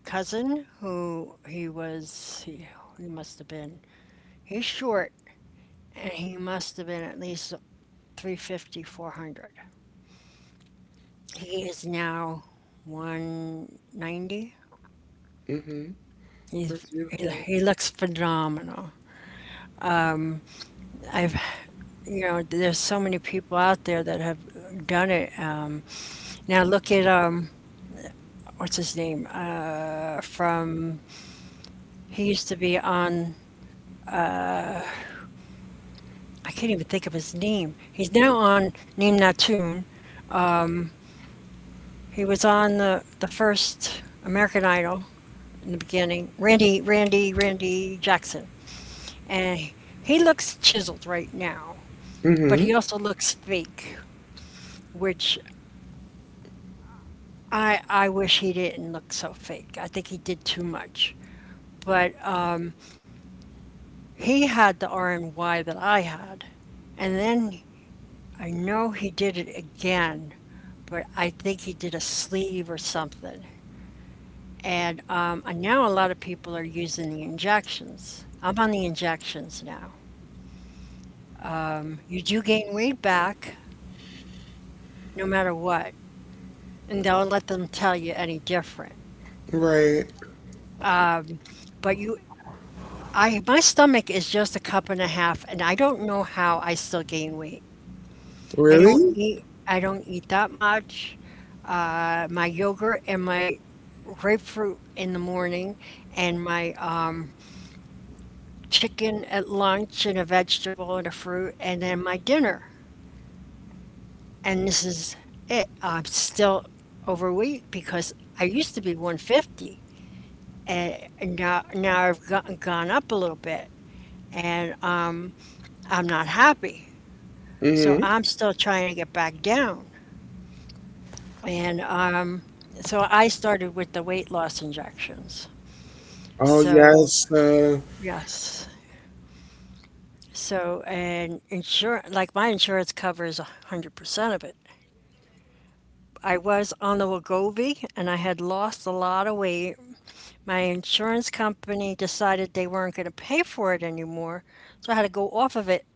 [SPEAKER 1] cousin who he must have been he's short he must have been at least 350, 400. He is now 190.
[SPEAKER 2] Mhm. That's beautiful.
[SPEAKER 1] He looks phenomenal. I've you know there's so many people out there that have done it. Now look at what's his name from he used to be on I can't even think of his name. He's now on Neem Natun. He was on the first American Idol in the beginning. Randy Jackson. And he looks chiseled right now, but
[SPEAKER 2] Mhm.
[SPEAKER 1] he also looks fake, which I wish he didn't look so fake. I think he did too much. But he had the R&Y that I had, and then I know he did it again, but I think he did a sleeve or something. And now a lot of people are using the injections. I'm on the injections now. You do gain weight back no matter what, and they'll let them tell you any different.
[SPEAKER 2] Right.
[SPEAKER 1] But my stomach is just a cup and a half, and I don't know how I still gain weight.
[SPEAKER 2] Really?
[SPEAKER 1] I don't eat that much. My yogurt and my grapefruit in the morning, and my chicken at lunch, and a vegetable and a fruit, and then my dinner. And this is it. I'm still overweight because I used to be 150, and now I've gotten gone up a little bit, and I'm not happy. So
[SPEAKER 2] Mhm.
[SPEAKER 1] I'm still trying to get back down. And So I started with the weight loss injections.
[SPEAKER 2] Oh
[SPEAKER 1] So,
[SPEAKER 2] yes.
[SPEAKER 1] yes. So, and insurance, like my insurance covers 100% of it. I was on the Wegovy and I had lost a lot of weight. My insurance company decided they weren't going to pay for it anymore. So I had to go off of it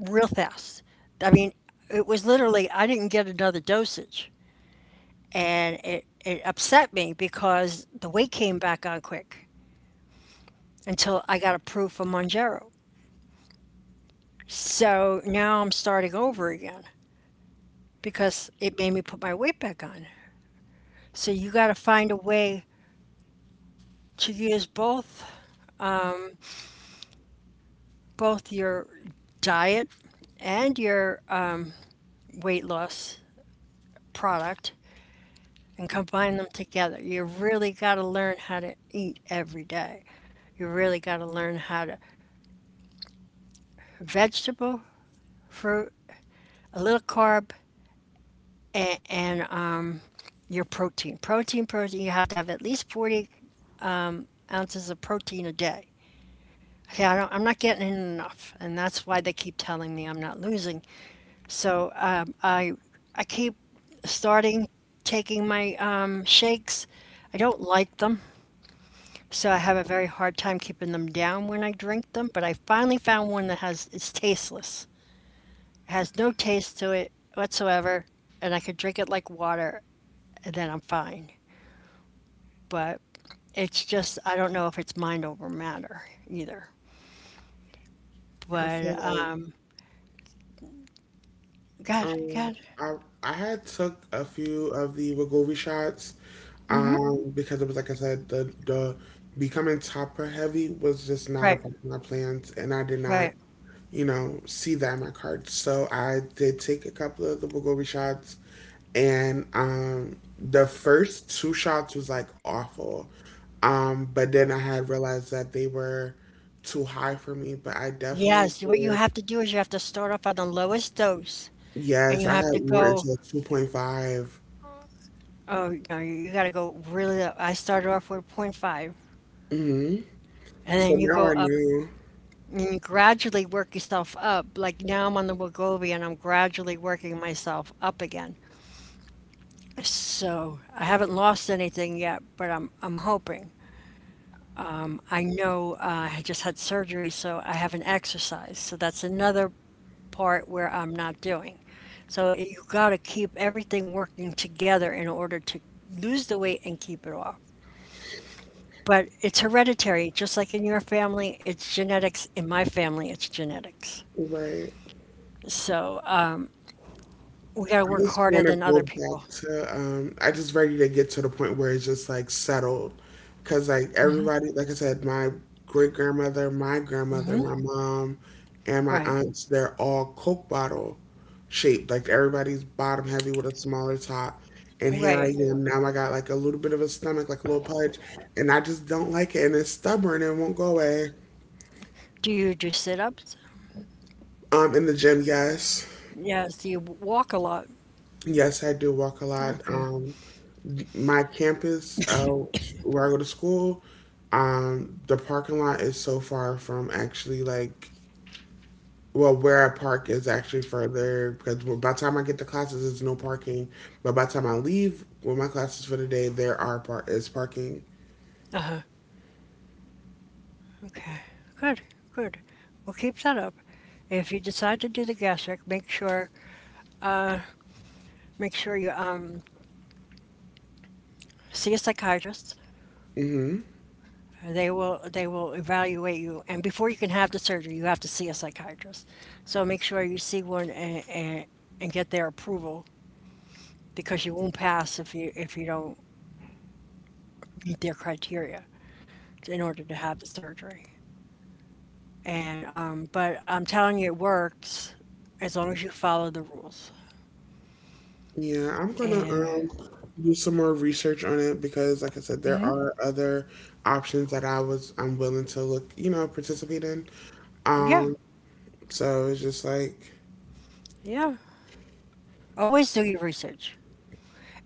[SPEAKER 1] real fast. I mean, it was literally, I didn't get another dosage. And it upset me because the weight came back on quick until I got approved for Monjaro. So now I'm starting over again because it made me put my weight back on. So you got to find a way to use both your diet and your weight loss product and combine them together. You really got to learn how to eat every day. You really got to learn how to vegetable, fruit, a little carb, and your protein. Protein, protein. You have to have at least 40 ounces of protein a day. Okay, I don't, I'm not getting in enough, and that's why they keep telling me I'm not losing. So I keep starting taking my shakes. I don't like them, so I have a very hard time keeping them down when I drink them. But I finally found one that has it's tasteless. It has no taste to it whatsoever, and I could drink it like water, and then I'm fine. But it's just I don't know if it's mind over matter either.
[SPEAKER 2] I
[SPEAKER 1] But,
[SPEAKER 2] feel like,
[SPEAKER 1] uh, God,
[SPEAKER 2] um
[SPEAKER 1] God,
[SPEAKER 2] I I had took a few of the Wegovy shots because it was like I said, the becoming topper heavy was just not a
[SPEAKER 1] right,
[SPEAKER 2] part of my plans, and I did not,
[SPEAKER 1] right.
[SPEAKER 2] see that in my cards. So I did take a couple of the Wegovy shots, and the first two shots was like awful. But then I had realized that they were too high for me, but I definitely
[SPEAKER 1] Yes, what you
[SPEAKER 2] did.
[SPEAKER 1] have to do is you have to start off on the lowest dose, and
[SPEAKER 2] Yes,
[SPEAKER 1] you
[SPEAKER 2] I
[SPEAKER 1] have to
[SPEAKER 2] had one
[SPEAKER 1] go,
[SPEAKER 2] until 2.5.
[SPEAKER 1] oh, no, you gotta go really low. I started off with point 0.5,
[SPEAKER 2] Mm-hmm.
[SPEAKER 1] and
[SPEAKER 2] So
[SPEAKER 1] then you
[SPEAKER 2] now
[SPEAKER 1] go
[SPEAKER 2] I
[SPEAKER 1] up,
[SPEAKER 2] know,
[SPEAKER 1] and you gradually work yourself up. Like now I'm on the Wegovy, and I'm gradually working myself up again. So I haven't lost anything yet, but I'm hoping. I know I just had surgery, so I haven't exercised. So that's another part where I'm not doing. So it, you got to keep everything working together in order to lose the weight and keep it off. But it's hereditary, just like in your family, it's genetics. In my family, it's genetics.
[SPEAKER 2] right?
[SPEAKER 1] So we got to
[SPEAKER 2] I
[SPEAKER 1] work
[SPEAKER 2] just
[SPEAKER 1] harder
[SPEAKER 2] want to
[SPEAKER 1] than
[SPEAKER 2] go
[SPEAKER 1] other
[SPEAKER 2] back
[SPEAKER 1] people.
[SPEAKER 2] to, I just ready to get to the point where it's just like settled. Because, like, everybody, like I said, my great grandmother, my mom, and my
[SPEAKER 1] Right.
[SPEAKER 2] aunts, they're all Coke bottle shaped. Like, everybody's bottom heavy with a smaller top. And here I
[SPEAKER 1] Right.
[SPEAKER 2] am now. I got like a little bit of a stomach, like a little pudge, and I just don't like it. And it's stubborn and it won't go away.
[SPEAKER 1] Do you do sit-ups?
[SPEAKER 2] In the gym, yes.
[SPEAKER 1] Yes. Do you walk a lot?
[SPEAKER 2] Yes, I do walk a lot.
[SPEAKER 1] Okay.
[SPEAKER 2] My campus, where I go to school, the parking lot is so far from actually like, well, where I park is actually further because by the time I get to classes, there's no parking. But by the time I leave with my classes for the day, there is parking.
[SPEAKER 1] Okay, good, good. Well, keep that up. If you decide to do the gastric, make sure you see a psychiatrist.
[SPEAKER 2] Hmm.
[SPEAKER 1] They will evaluate you, and before you can have the surgery, you have to see a psychiatrist. So make sure you see one and get their approval because you won't pass if you don't meet their criteria in order to have the surgery. And But I'm telling you, it works as long as you follow the rules.
[SPEAKER 2] Yeah, I'm gonna
[SPEAKER 1] And
[SPEAKER 2] do some more research on it because, like I said, there are other options that I'm willing to look, participate in.
[SPEAKER 1] yeah,
[SPEAKER 2] Um, so it's just like,
[SPEAKER 1] yeah. Always do your research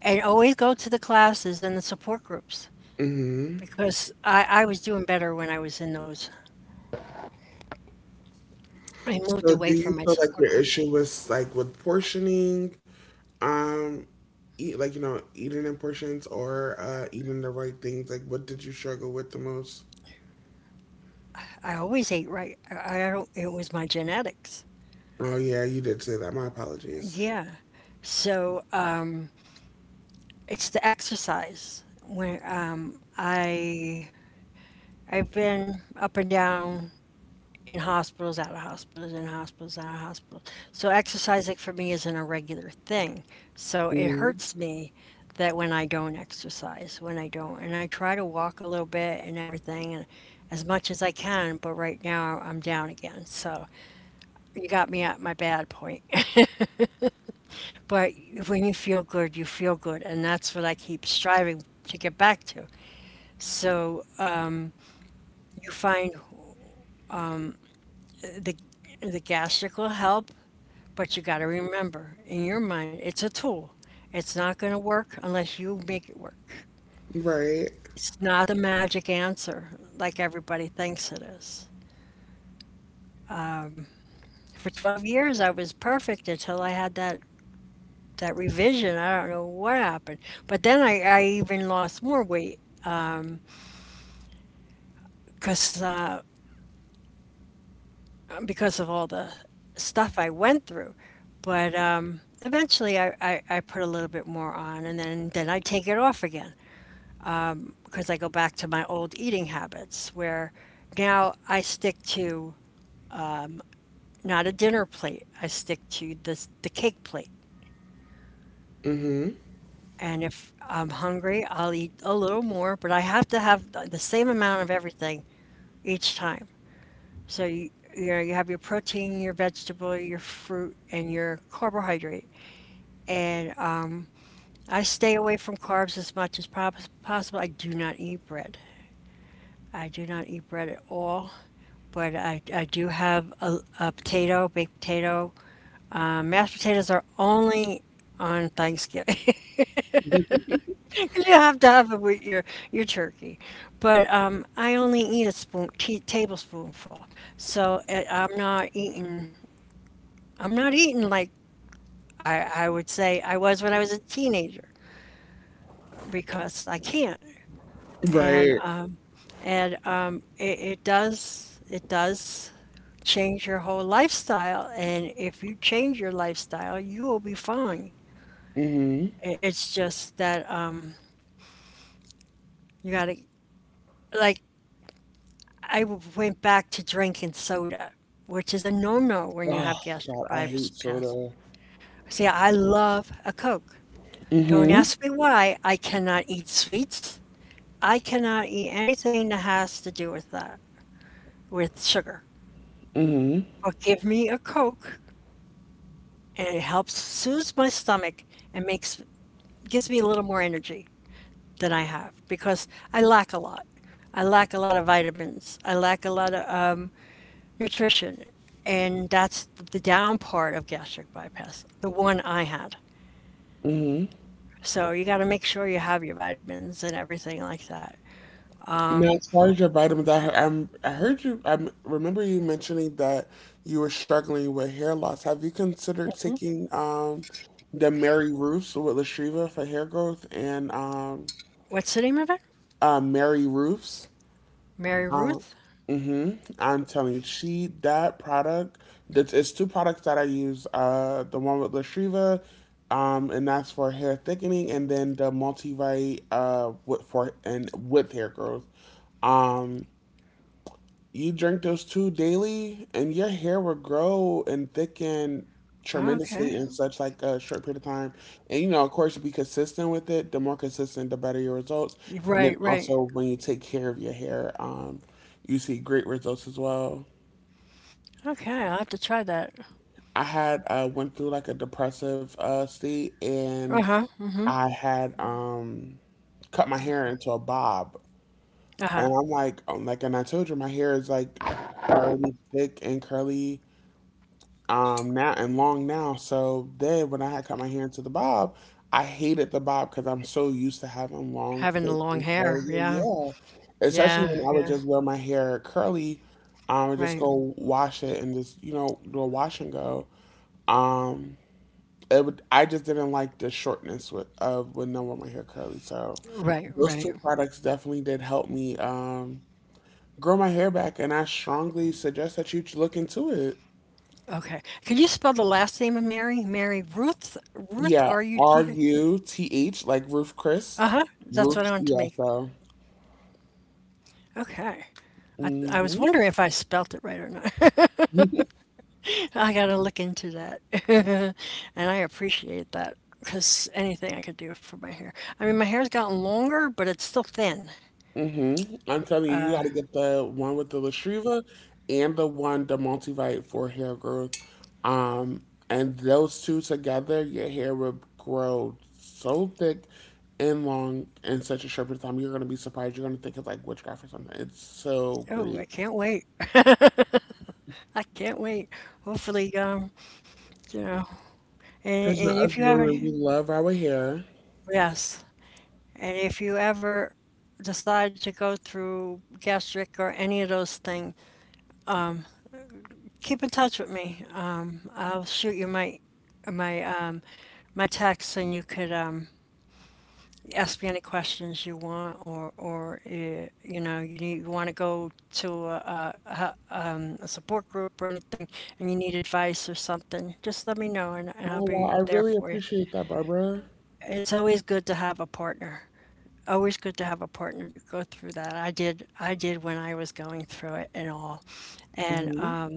[SPEAKER 1] and always go to the classes and the support groups
[SPEAKER 2] hmm.
[SPEAKER 1] because I was doing better when I was in those. I moved
[SPEAKER 2] So do
[SPEAKER 1] away
[SPEAKER 2] you
[SPEAKER 1] from my
[SPEAKER 2] feel like
[SPEAKER 1] support
[SPEAKER 2] your
[SPEAKER 1] group.
[SPEAKER 2] issue was like with portioning, um, eat like you know eating in portions, or eating the right things? Like, what did you struggle with the most?
[SPEAKER 1] I always ate right. I don't, It was my genetics.
[SPEAKER 2] Oh yeah, you did say that. My apologies.
[SPEAKER 1] Yeah. So uh, it's the exercise. When I I've been up and down in hospitals, out of hospitals, in hospitals, out of hospitals. So exercising for me isn't a regular thing. So it
[SPEAKER 2] Hmm.
[SPEAKER 1] hurts me that when I don't exercise, when I don't, and I try to walk a little bit and everything, and as much as I can. But right now I'm down again. So you got me at my bad point. But when you feel good, and that's what I keep striving to get back to. So uh, you find the the gastric will help. But you got to remember, in your mind, it's a tool. It's not going to work unless you make it work.
[SPEAKER 2] Right.
[SPEAKER 1] It's not the magic answer like everybody thinks it is. For 12 years, I was perfect until I had that revision. I don't know what happened. But then I even lost more weight because uh, because of all the stuff I went through. But Eventually, I put a little bit more on, and then I take it off again. Because I go back to my old eating habits where now I stick to not a dinner plate. I stick to this the cake plate.
[SPEAKER 2] Hmm.
[SPEAKER 1] And if I'm hungry, I'll eat a little more, but I have to have the same amount of everything each time. So you know, you have your protein, your vegetable, your fruit, and your carbohydrate. And I stay away from carbs as much as prob- possible. I do not eat bread. I do not eat bread at all. But I do have a potato, baked potato. Mashed potatoes are only on Thanksgiving. You have to have it with your turkey, but I only eat a tablespoonful. So uh, I'm not eating. I'm not eating like I would say I was when I was a teenager because I can't. And
[SPEAKER 2] Right.
[SPEAKER 1] um, and It it does change your whole lifestyle. And if you change your lifestyle, you will be fine.
[SPEAKER 2] Hmm.
[SPEAKER 1] It's just that you gotta, like, went back to drinking soda, which is a no-no when you
[SPEAKER 2] Oh
[SPEAKER 1] have
[SPEAKER 2] God,
[SPEAKER 1] gastric
[SPEAKER 2] I hate
[SPEAKER 1] bypass.
[SPEAKER 2] soda.
[SPEAKER 1] See, I love a Coke. Don't
[SPEAKER 2] Hmm.
[SPEAKER 1] ask me why. I cannot eat sweets. I cannot eat anything that has to do with that, with sugar.
[SPEAKER 2] Hmm.
[SPEAKER 1] But give me a Coke, and it helps soothe my stomach and makes gives me a little more energy than I have because I lack a lot. I lack a lot of vitamins. I lack a lot of nutrition. And that's the down part of gastric bypass, the one I had. So you got to make sure you have your vitamins and everything like that.
[SPEAKER 2] Now, as far as your vitamins, I heard you, I remember you mentioning that you were struggling with hair loss. Have you considered taking the Mary Roofs with Lastriva for hair growth and
[SPEAKER 1] What's the name of it?
[SPEAKER 2] Mary Roofs?
[SPEAKER 1] Mary
[SPEAKER 2] Um,
[SPEAKER 1] Ruth?
[SPEAKER 2] hmm I'm telling you, that product, it's two products that I use, the one with Lastriva, and that's for hair thickening, and then the multivite with, for, and with hair growth. Um, You drink those two daily, and your hair will grow and thicken tremendously
[SPEAKER 1] Okay.
[SPEAKER 2] in such like a short period of time. And, you know, of course, be consistent with it. The more consistent, the better your results. And then
[SPEAKER 1] Right, right.
[SPEAKER 2] also, when you take care of your hair, you see great results as well.
[SPEAKER 1] Okay, I'll have to try that.
[SPEAKER 2] I had went through like a depressive state,
[SPEAKER 1] Uh
[SPEAKER 2] and
[SPEAKER 1] huh.
[SPEAKER 2] I had cut my hair into a bob.
[SPEAKER 1] Uh
[SPEAKER 2] And
[SPEAKER 1] huh.
[SPEAKER 2] I'm like, and I told you my hair is like already thick and curly now and long now. So then when I had cut my hair into the bob, I hated the bob because I'm so used to having long,
[SPEAKER 1] Having the
[SPEAKER 2] thick,
[SPEAKER 1] long
[SPEAKER 2] and curly
[SPEAKER 1] hair.
[SPEAKER 2] hair.
[SPEAKER 1] Yeah.
[SPEAKER 2] Yeah, especially
[SPEAKER 1] Yeah.
[SPEAKER 2] when I would
[SPEAKER 1] Yeah.
[SPEAKER 2] just wear my hair curly, and just
[SPEAKER 1] Right.
[SPEAKER 2] go wash it and just, you know, do a wash and go. Um, it would I just didn't like the shortness of when I wore my hair curly. So
[SPEAKER 1] Right.
[SPEAKER 2] those
[SPEAKER 1] Right.
[SPEAKER 2] two products definitely did help me grow my hair back, and I strongly suggest that you look into it.
[SPEAKER 1] Okay. Can you spell the last name of Mary? Mary Ruth? Ruth,
[SPEAKER 2] Yeah, R
[SPEAKER 1] Ruth?
[SPEAKER 2] U T H, like Ruth Chris.
[SPEAKER 1] Uh-huh. That's
[SPEAKER 2] Ruth,
[SPEAKER 1] what I wanted to
[SPEAKER 2] yeah,
[SPEAKER 1] make.
[SPEAKER 2] so.
[SPEAKER 1] Okay. I was
[SPEAKER 2] Mm-hmm.
[SPEAKER 1] wondering if I spelt it right or not. I gotta look into that. And I appreciate that because anything I could do for my hair. I mean, my hair's gotten longer, but it's still thin.
[SPEAKER 2] Mm-hmm. I'm telling you, you got to get the one with the Lastriva and the multivite for hair growth. Um, and those two together, your hair will grow so thick and long in such a short period of time. You're going to be surprised. You're going to think it's like witchcraft or something. It's so
[SPEAKER 1] Oh, I
[SPEAKER 2] great.
[SPEAKER 1] can't wait. I can't wait. Hopefully, you know,
[SPEAKER 2] Because, you know,
[SPEAKER 1] and if
[SPEAKER 2] us
[SPEAKER 1] you have
[SPEAKER 2] women,
[SPEAKER 1] any,
[SPEAKER 2] we love our hair.
[SPEAKER 1] yes. And if you ever decide to go through gastric or any of those things, keep in touch with me. I'll shoot you my my text, and you could ask me any questions you want, or you know you need, you want to go to a support group or anything, and you need advice or something. Just let me know, and I'll
[SPEAKER 2] Oh, wow.
[SPEAKER 1] be
[SPEAKER 2] I
[SPEAKER 1] there
[SPEAKER 2] really
[SPEAKER 1] for you.
[SPEAKER 2] appreciate that, Barbara.
[SPEAKER 1] It's always good to have a partner. Always good to have a partner to go through that. I did when I was going through it and all. And
[SPEAKER 2] Mm-hmm.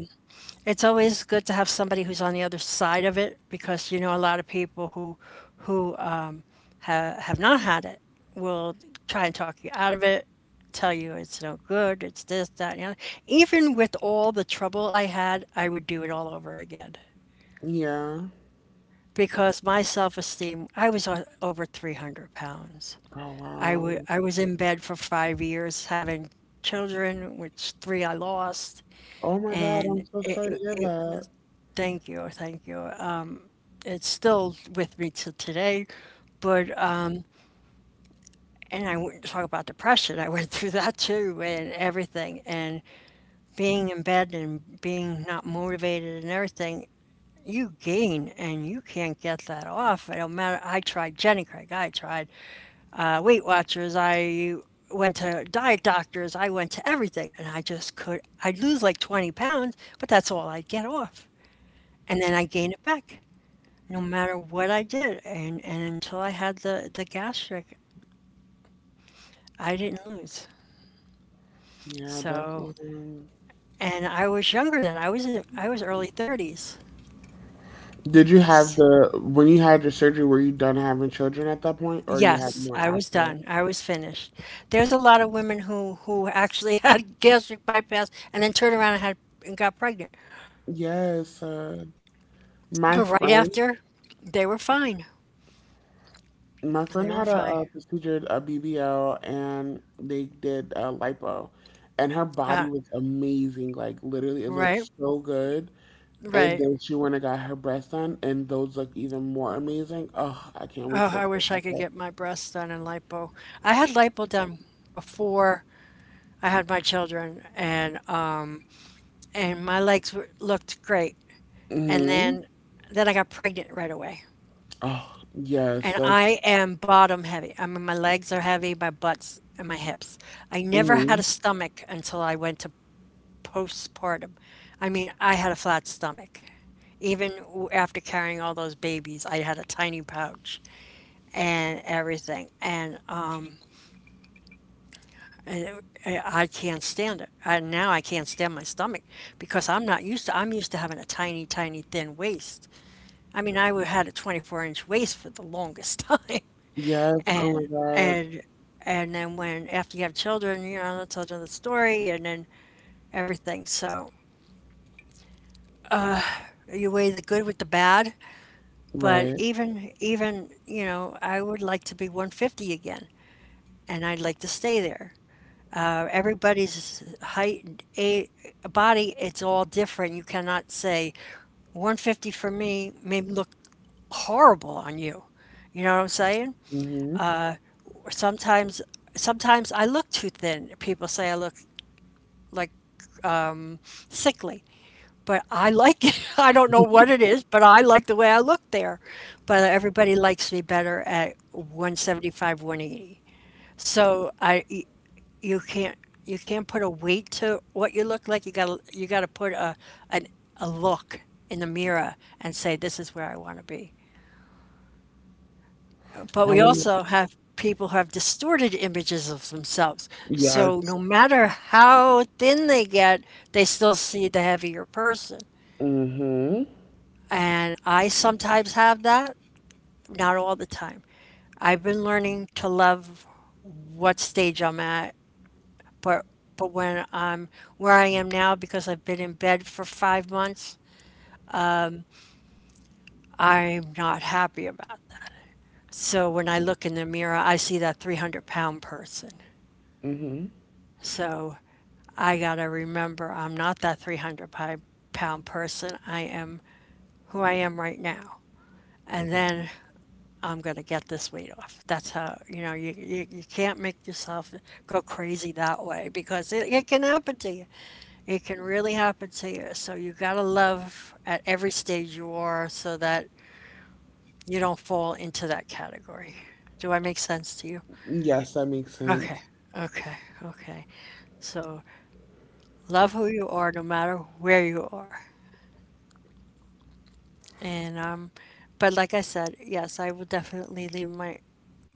[SPEAKER 1] It's always good to have somebody who's on the other side of it because you know a lot of people who have not had it will try and talk you out of it, tell you it's no good, it's this, that, and the other. Even with all the trouble I had, I would do it all over again
[SPEAKER 2] Yeah.
[SPEAKER 1] because my self esteem, over 300 pounds.
[SPEAKER 2] Oh, wow.
[SPEAKER 1] I was in bed for 5 years having children, which three I lost,
[SPEAKER 2] Oh my God,
[SPEAKER 1] and
[SPEAKER 2] I'm so
[SPEAKER 1] it,
[SPEAKER 2] sorry to
[SPEAKER 1] it,
[SPEAKER 2] hear
[SPEAKER 1] it
[SPEAKER 2] that.
[SPEAKER 1] thank you, thank you. It's still with me to today, but and I wouldn't talk about depression. I went through that too, and everything, and being in bed and being not motivated and everything. You gain, and you can't get that off. It don't matter. I tried Jenny Craig. I tried Weight Watchers. I went to diet doctors. I went to everything, and I just could. I'd lose like 20 pounds, but that's all I'd get off, and then I gain it back, no matter what I did. And until I had the gastric, I didn't lose.
[SPEAKER 2] Yeah, that's
[SPEAKER 1] So, and I was younger then. I was early 30s.
[SPEAKER 2] Did you have
[SPEAKER 1] S-
[SPEAKER 2] the when you had your surgery, were you done having children at that point or you had
[SPEAKER 1] Yes,
[SPEAKER 2] more
[SPEAKER 1] I was
[SPEAKER 2] after?
[SPEAKER 1] done. I was finished. There's a lot of women who actually had gastric bypass and then turned around and had and got pregnant.
[SPEAKER 2] Yes, my
[SPEAKER 1] But right
[SPEAKER 2] friend,
[SPEAKER 1] after, they were fine.
[SPEAKER 2] my
[SPEAKER 1] They
[SPEAKER 2] friend
[SPEAKER 1] were
[SPEAKER 2] had a,
[SPEAKER 1] fine.
[SPEAKER 2] procedure, a BBL, and they did a lipo, and her
[SPEAKER 1] Uh,
[SPEAKER 2] body was amazing. Like literally, it looked
[SPEAKER 1] right,
[SPEAKER 2] so good. And
[SPEAKER 1] right.
[SPEAKER 2] then she went and got her breasts done, and those look even more amazing. Oh, I can't
[SPEAKER 1] Oh,
[SPEAKER 2] wait to go
[SPEAKER 1] I
[SPEAKER 2] to the
[SPEAKER 1] wish I could
[SPEAKER 2] doctor.
[SPEAKER 1] get my breasts done in lipo. I had lipo done before I had my children, and my legs were, looked great. And
[SPEAKER 2] Mm-hmm.
[SPEAKER 1] then I got pregnant right away.
[SPEAKER 2] Oh, yes,
[SPEAKER 1] And
[SPEAKER 2] that's
[SPEAKER 1] I am bottom heavy. I mean, my legs are heavy, my butts and my hips. I never had
[SPEAKER 2] mm-hmm.
[SPEAKER 1] a stomach until I went to postpartum. I mean, I had a flat stomach. Even after carrying all those babies, I had a tiny pouch and everything. And I can't stand it. Now I can't stand my stomach because I'm not used to. I'm used to having a tiny, tiny, thin waist. I mean, had a 24-inch waist for the longest time,
[SPEAKER 2] Yes, oh my
[SPEAKER 1] and
[SPEAKER 2] God.
[SPEAKER 1] and and then when after you have children, you know, that's another story, and then everything. So you weigh the good with the bad. But
[SPEAKER 2] Right.
[SPEAKER 1] you know, I would like to be 150 again, and I'd like to stay there. Everybody's height, and a body, it's all different. You cannot say 150 for me may look horrible on you. You know what I'm saying?
[SPEAKER 2] Mm-hmm.
[SPEAKER 1] Or sometimes, sometimes I look too thin. People say I look like sickly, but I like it. I don't know what it is, but I like the way I look there. But everybody likes me better at 175, 180. So I y- you can't you can't put a weight to what you look like. You gotta put an, a look in the mirror and say this is where I want to be. But
[SPEAKER 2] I
[SPEAKER 1] we
[SPEAKER 2] want
[SPEAKER 1] also have people who have distorted images of themselves. So
[SPEAKER 2] yes.
[SPEAKER 1] no matter how thin they get, they still see the heavier person.
[SPEAKER 2] Mm-hmm.
[SPEAKER 1] And I sometimes have that, not all the time. I've been learning to love what stage I'm at. But but when I'm where I am now because I've been in bed for 5 months, I'm not happy about that. So when I look in the mirror, I see that 300 pound person.
[SPEAKER 2] Mm-hmm.
[SPEAKER 1] So I got to remember I'm not that 300 hundred-pound person. I am who I am right now. And then I'm going to get this weight off. That's how, you know, you can't make yourself go crazy that way because it can happen to you. It can really happen to you. So you got to love at every stage you are so that you don't fall into that category. Do I make sense to you?
[SPEAKER 2] Yes, that makes
[SPEAKER 1] Okay,
[SPEAKER 2] sense.
[SPEAKER 1] okay, okay. So love who you are no matter where you are. And but like I said, yes, I will definitely leave my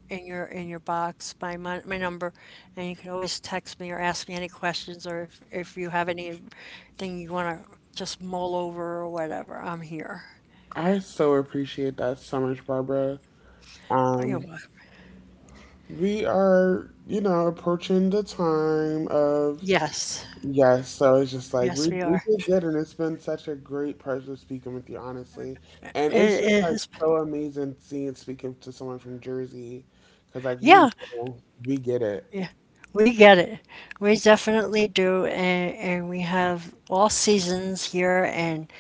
[SPEAKER 1] in your box by my number, and you can always text me or ask me any questions or if you have anything you want to just mull over or whatever. I'm here.
[SPEAKER 2] I so appreciate that so much, Barbara.
[SPEAKER 1] You're
[SPEAKER 2] Um,
[SPEAKER 1] welcome.
[SPEAKER 2] we are, you know, approaching the time of
[SPEAKER 1] Yes,
[SPEAKER 2] Yes, so it's just like
[SPEAKER 1] yes,
[SPEAKER 2] we
[SPEAKER 1] we
[SPEAKER 2] we
[SPEAKER 1] are.
[SPEAKER 2] did good, and it's been such a great pleasure speaking with you, honestly. And it's just
[SPEAKER 1] It
[SPEAKER 2] like
[SPEAKER 1] is.
[SPEAKER 2] so amazing seeing speaking to someone from Jersey, because like we
[SPEAKER 1] Yeah,
[SPEAKER 2] know we get it.
[SPEAKER 1] yeah. We get it. We definitely do, and we have all seasons here, and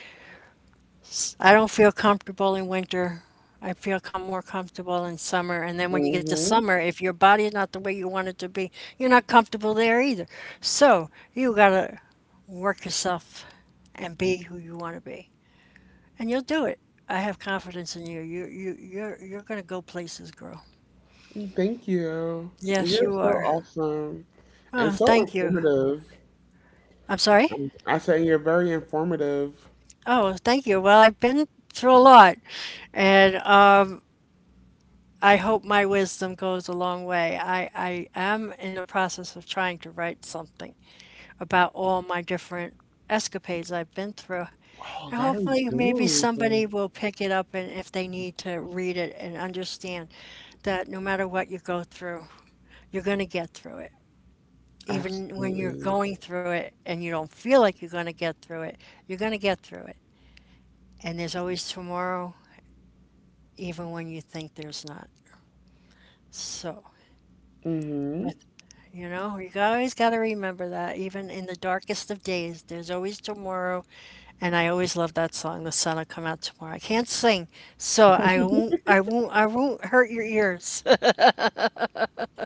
[SPEAKER 1] I don't feel comfortable in winter. I feel com more comfortable in summer. And then when you get to
[SPEAKER 2] Hmm.
[SPEAKER 1] summer, if your body's not the way you want it to be, you're not comfortable there either. So you gotta work yourself and be who you want to be, and you'll do it. I have confidence in you. You're gonna go places, girl.
[SPEAKER 2] Thank you.
[SPEAKER 1] Yes,
[SPEAKER 2] You're
[SPEAKER 1] you
[SPEAKER 2] so
[SPEAKER 1] are.
[SPEAKER 2] awesome
[SPEAKER 1] Oh,
[SPEAKER 2] and so
[SPEAKER 1] thank you.
[SPEAKER 2] informative.
[SPEAKER 1] I'm sorry.
[SPEAKER 2] I say you're very informative.
[SPEAKER 1] Oh, thank you. Well, I've been through a lot, and I hope my wisdom goes a long way. I am in the process of trying to write something about all my different escapades I've been through.
[SPEAKER 2] Oh,
[SPEAKER 1] And
[SPEAKER 2] that'll
[SPEAKER 1] hopefully, maybe
[SPEAKER 2] do.
[SPEAKER 1] somebody will pick it up and if they need to read it and understand that no matter what you go through, you're going to get through it. Even when you're
[SPEAKER 2] Absolutely.
[SPEAKER 1] going through it and you don't feel like you're going to get through it, you're going to get through it. And there's always tomorrow, even when you think there's not. So.
[SPEAKER 2] Hmm.
[SPEAKER 1] But you know, you always got to remember that even in the darkest of days, there's always tomorrow. And I always love that song, "The Sun'll Come Out Tomorrow." I can't sing, so I won't hurt your ears.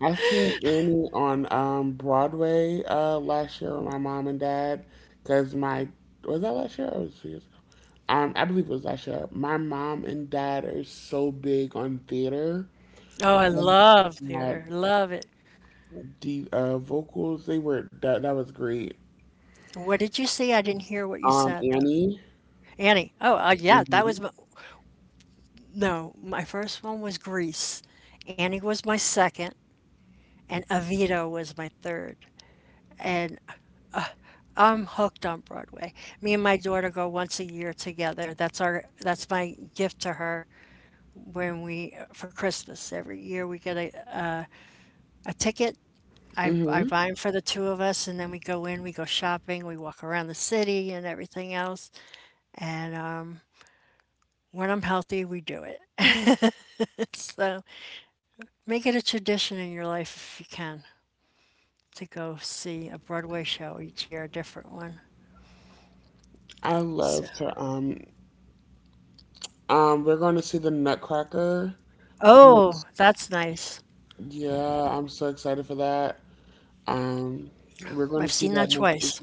[SPEAKER 2] I've seen Annie on Broadway last year with my mom and dad because my was that last year or was it 2 years ago? I believe it was last year. My mom and dad are so big on theater.
[SPEAKER 1] Oh, I
[SPEAKER 2] Like,
[SPEAKER 1] love
[SPEAKER 2] My
[SPEAKER 1] theater, love it.
[SPEAKER 2] the vocals they were that was great.
[SPEAKER 1] What did you see? I didn't hear what you said though.
[SPEAKER 2] Annie.
[SPEAKER 1] Annie. Oh, yeah, that was
[SPEAKER 2] Hmm.
[SPEAKER 1] my, no. My first one was Grease. Annie was my second, and Evita was my third. And I'm hooked on Broadway. Me and my daughter go once a year together. That's my gift to her when we for Christmas every year we get a ticket. I
[SPEAKER 2] Hmm.
[SPEAKER 1] buy them for the two of us, and then we go in, we go shopping, we walk around the city and everything else. And when I'm healthy, we do it. So make it a tradition in your life if you can to go see a Broadway show each year, a different one.
[SPEAKER 2] I
[SPEAKER 1] So,
[SPEAKER 2] loved her. We're going to see the Nutcracker.
[SPEAKER 1] oh,
[SPEAKER 2] Next,
[SPEAKER 1] that's nice.
[SPEAKER 2] yeah, I'm so excited for that. Um, we're going
[SPEAKER 1] I've
[SPEAKER 2] to see
[SPEAKER 1] seen
[SPEAKER 2] that
[SPEAKER 1] that
[SPEAKER 2] next week.
[SPEAKER 1] twice.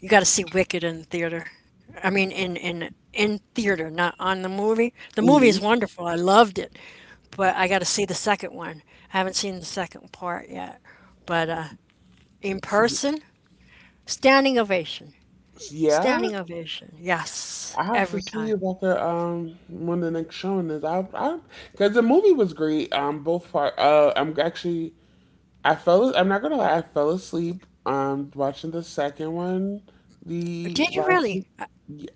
[SPEAKER 1] You got to see Wicked in the theater. I mean, in theater, not on the movie. The movie is
[SPEAKER 2] Mhm.
[SPEAKER 1] wonderful. I loved it, but I got to see the second one. I haven't seen the second part yet, but in person, standing ovation,
[SPEAKER 2] Yeah,
[SPEAKER 1] standing ovation. Yes,
[SPEAKER 2] I have to
[SPEAKER 1] every
[SPEAKER 2] see
[SPEAKER 1] time.
[SPEAKER 2] if I could when the next showing is. I because the movie was great. Both part. I'm actually I fell. I'm not gonna lie. I fell asleep. Watching the second one, the
[SPEAKER 1] Did you
[SPEAKER 2] last
[SPEAKER 1] really?
[SPEAKER 2] week. Y-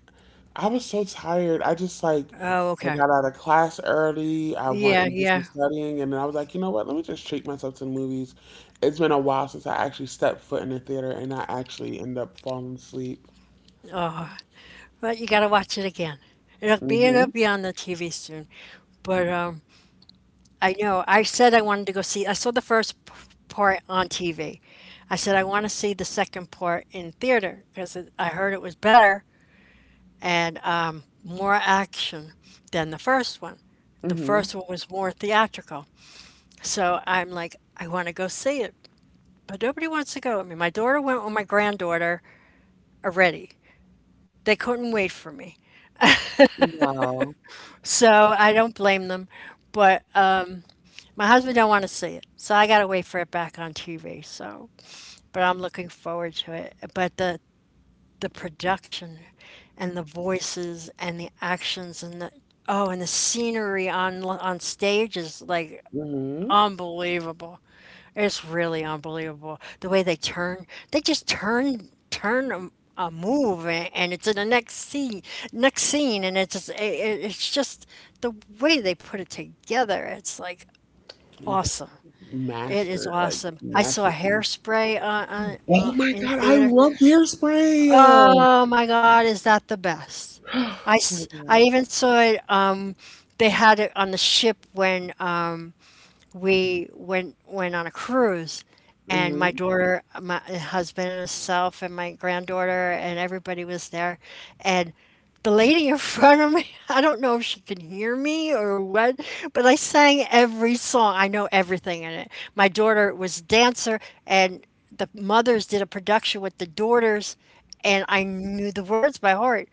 [SPEAKER 2] I was so tired. I just like
[SPEAKER 1] Oh,
[SPEAKER 2] I
[SPEAKER 1] okay.
[SPEAKER 2] got out of class early. I went
[SPEAKER 1] Yeah,
[SPEAKER 2] and did some
[SPEAKER 1] yeah.
[SPEAKER 2] studying, and then I was like, you know what? Let me just treat myself to the movies. It's been a while since I actually stepped foot in the theater, and I actually end up falling asleep.
[SPEAKER 1] But you got to watch it again. It'll
[SPEAKER 2] Mm-hmm.
[SPEAKER 1] be on the TV soon, but I know. I said I wanted to go see. I saw the part on TV. I said I want to see the second part in theater because I heard it was better and more action than the first one. The
[SPEAKER 2] Mhm.
[SPEAKER 1] first one was more theatrical. So I'm like, I want to go see it, but nobody wants to go with me. My daughter went with my granddaughter already. They couldn't wait for me,
[SPEAKER 2] Wow.
[SPEAKER 1] so I don't blame them. But my husband don't want to see it, so I got to wait for it back on TV. So. But I'm looking forward to it. But the production and the voices and the actions and the oh and the scenery on stage is like
[SPEAKER 2] Mhm.
[SPEAKER 1] unbelievable. It's really unbelievable the way they turn. They just a move and it's in the next scene and it's just, it's just the way they put it together. It's like awesome. It is
[SPEAKER 2] Master, like,
[SPEAKER 1] awesome. I saw
[SPEAKER 2] masterpiece.
[SPEAKER 1] Hairspray
[SPEAKER 2] Oh my
[SPEAKER 1] in
[SPEAKER 2] God, I
[SPEAKER 1] theater.
[SPEAKER 2] love Hairspray!
[SPEAKER 1] Oh my God, is that the best?
[SPEAKER 2] Oh my God.
[SPEAKER 1] I even saw it. They had it on the ship when we went went on a cruise and my
[SPEAKER 2] Mhm.
[SPEAKER 1] daughter my husband and myself and my granddaughter and everybody was there and the lady in front of me I don't know if she can hear me or what but I sang every song I know everything in it my daughter was a dancer and the mothers did a production with the daughters and I knew the words by heart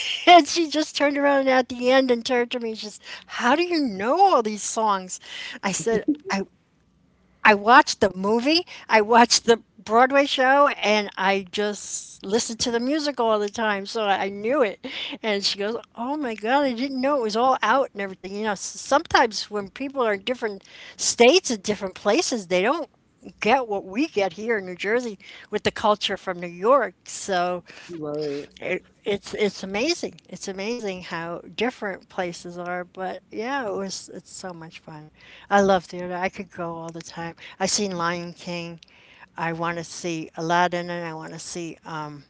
[SPEAKER 1] and she just turned around at the end and turned to me she says how do you know all these songs I said I I watched the movie, I watched the Broadway show, and I just listened to the music all the time, so I knew it. And she goes, "Oh my God, I didn't know it was all out and everything." You know, sometimes when people are in different states and different places, they don't get what we get here in New Jersey with the culture from New York. So
[SPEAKER 2] Right.
[SPEAKER 1] it's amazing. It's amazing how different places are, but yeah, it's so much fun. I love theater. I could go all the time. I seen Lion King. I want to see Aladdin, and I want to see.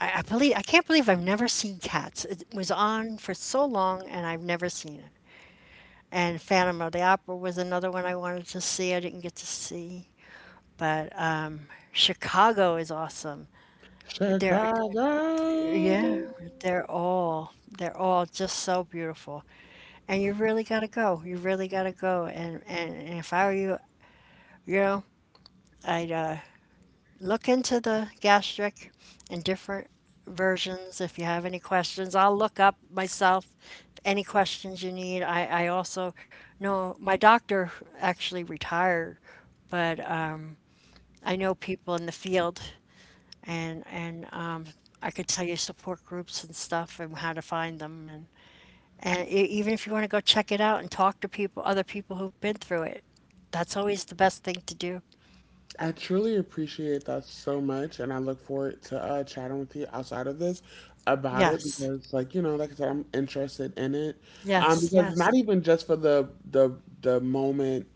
[SPEAKER 1] I believe I can't believe I've never seen Cats. It was on for so long, and I've never seen it. And Phantom of the Opera was another one I wanted to see. I didn't get to see, but Chicago is awesome. There, yeah,
[SPEAKER 2] Chicago.
[SPEAKER 1] they're all just so beautiful. And you really gotta go. You really gotta go. And if I were you, you know, I'd look into the gastric and different versions. If you have any questions, I'll look up myself any questions you need. I also know my doctor actually retired, but I know people in the field and I could tell you support groups and stuff and how to find them and. And e even if you want to go check it out and talk to people, other people who've been through it, that's always the best thing to do.
[SPEAKER 2] I truly appreciate that so much, and I look forward to, chatting with you outside of this about it
[SPEAKER 1] Yes,
[SPEAKER 2] because, like, you know, like I said, I'm interested in it.
[SPEAKER 1] yes,
[SPEAKER 2] Because
[SPEAKER 1] yes,
[SPEAKER 2] not even just for the moment,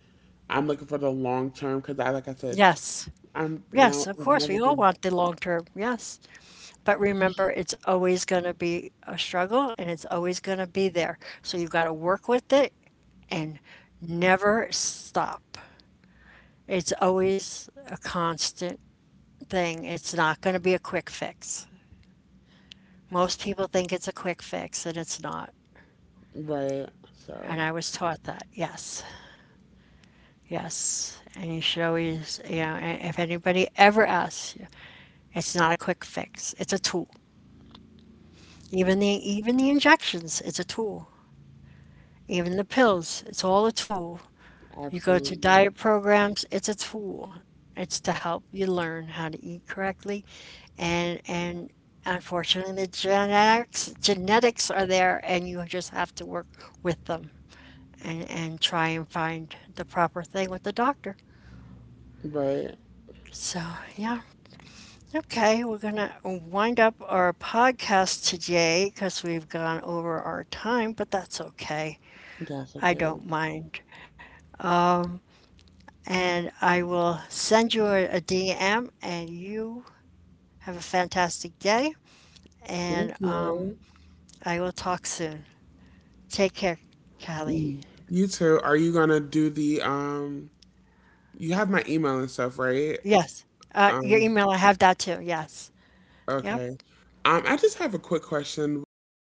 [SPEAKER 2] I'm looking for the long term because I like I said
[SPEAKER 1] yes, yes. Of
[SPEAKER 2] I've
[SPEAKER 1] course,
[SPEAKER 2] never
[SPEAKER 1] we all
[SPEAKER 2] been
[SPEAKER 1] want the long term, yes. But remember, it's always going to be a struggle and it's always going to be there. So you have got to work with it and never stop. It's always a constant thing. It's not going to be a quick fix. Most people think it's a quick fix, and it's not.
[SPEAKER 2] right.
[SPEAKER 1] And
[SPEAKER 2] So
[SPEAKER 1] I was taught that, yes, yes. And you should always, you know, if anybody ever asks you, it's not a quick fix. It's a tool. Even the injections, it's a tool. Even the pills, it's all a tool. You go to
[SPEAKER 2] absolutely
[SPEAKER 1] diet programs, it's a tool. It's to help you learn how to eat correctly, and unfortunately, the genetics are there, and you just have to work with them and try and find the proper thing with the doctor.
[SPEAKER 2] right.
[SPEAKER 1] So, yeah. Okay, we're going to wind up our podcast today because we've gone over our time, but that's okay.
[SPEAKER 2] That's
[SPEAKER 1] I
[SPEAKER 2] okay.
[SPEAKER 1] don't mind. And I will send you a DM, and you have a fantastic day. And
[SPEAKER 2] Thank you.
[SPEAKER 1] I will talk soon. Take care, Callie.
[SPEAKER 2] Mm. You too. Are you gonna do the um? You have my email and stuff, right?
[SPEAKER 1] Yes. Your
[SPEAKER 2] Um.
[SPEAKER 1] email, I have that too. Yes. Yep.
[SPEAKER 2] Okay. I just have a quick question about.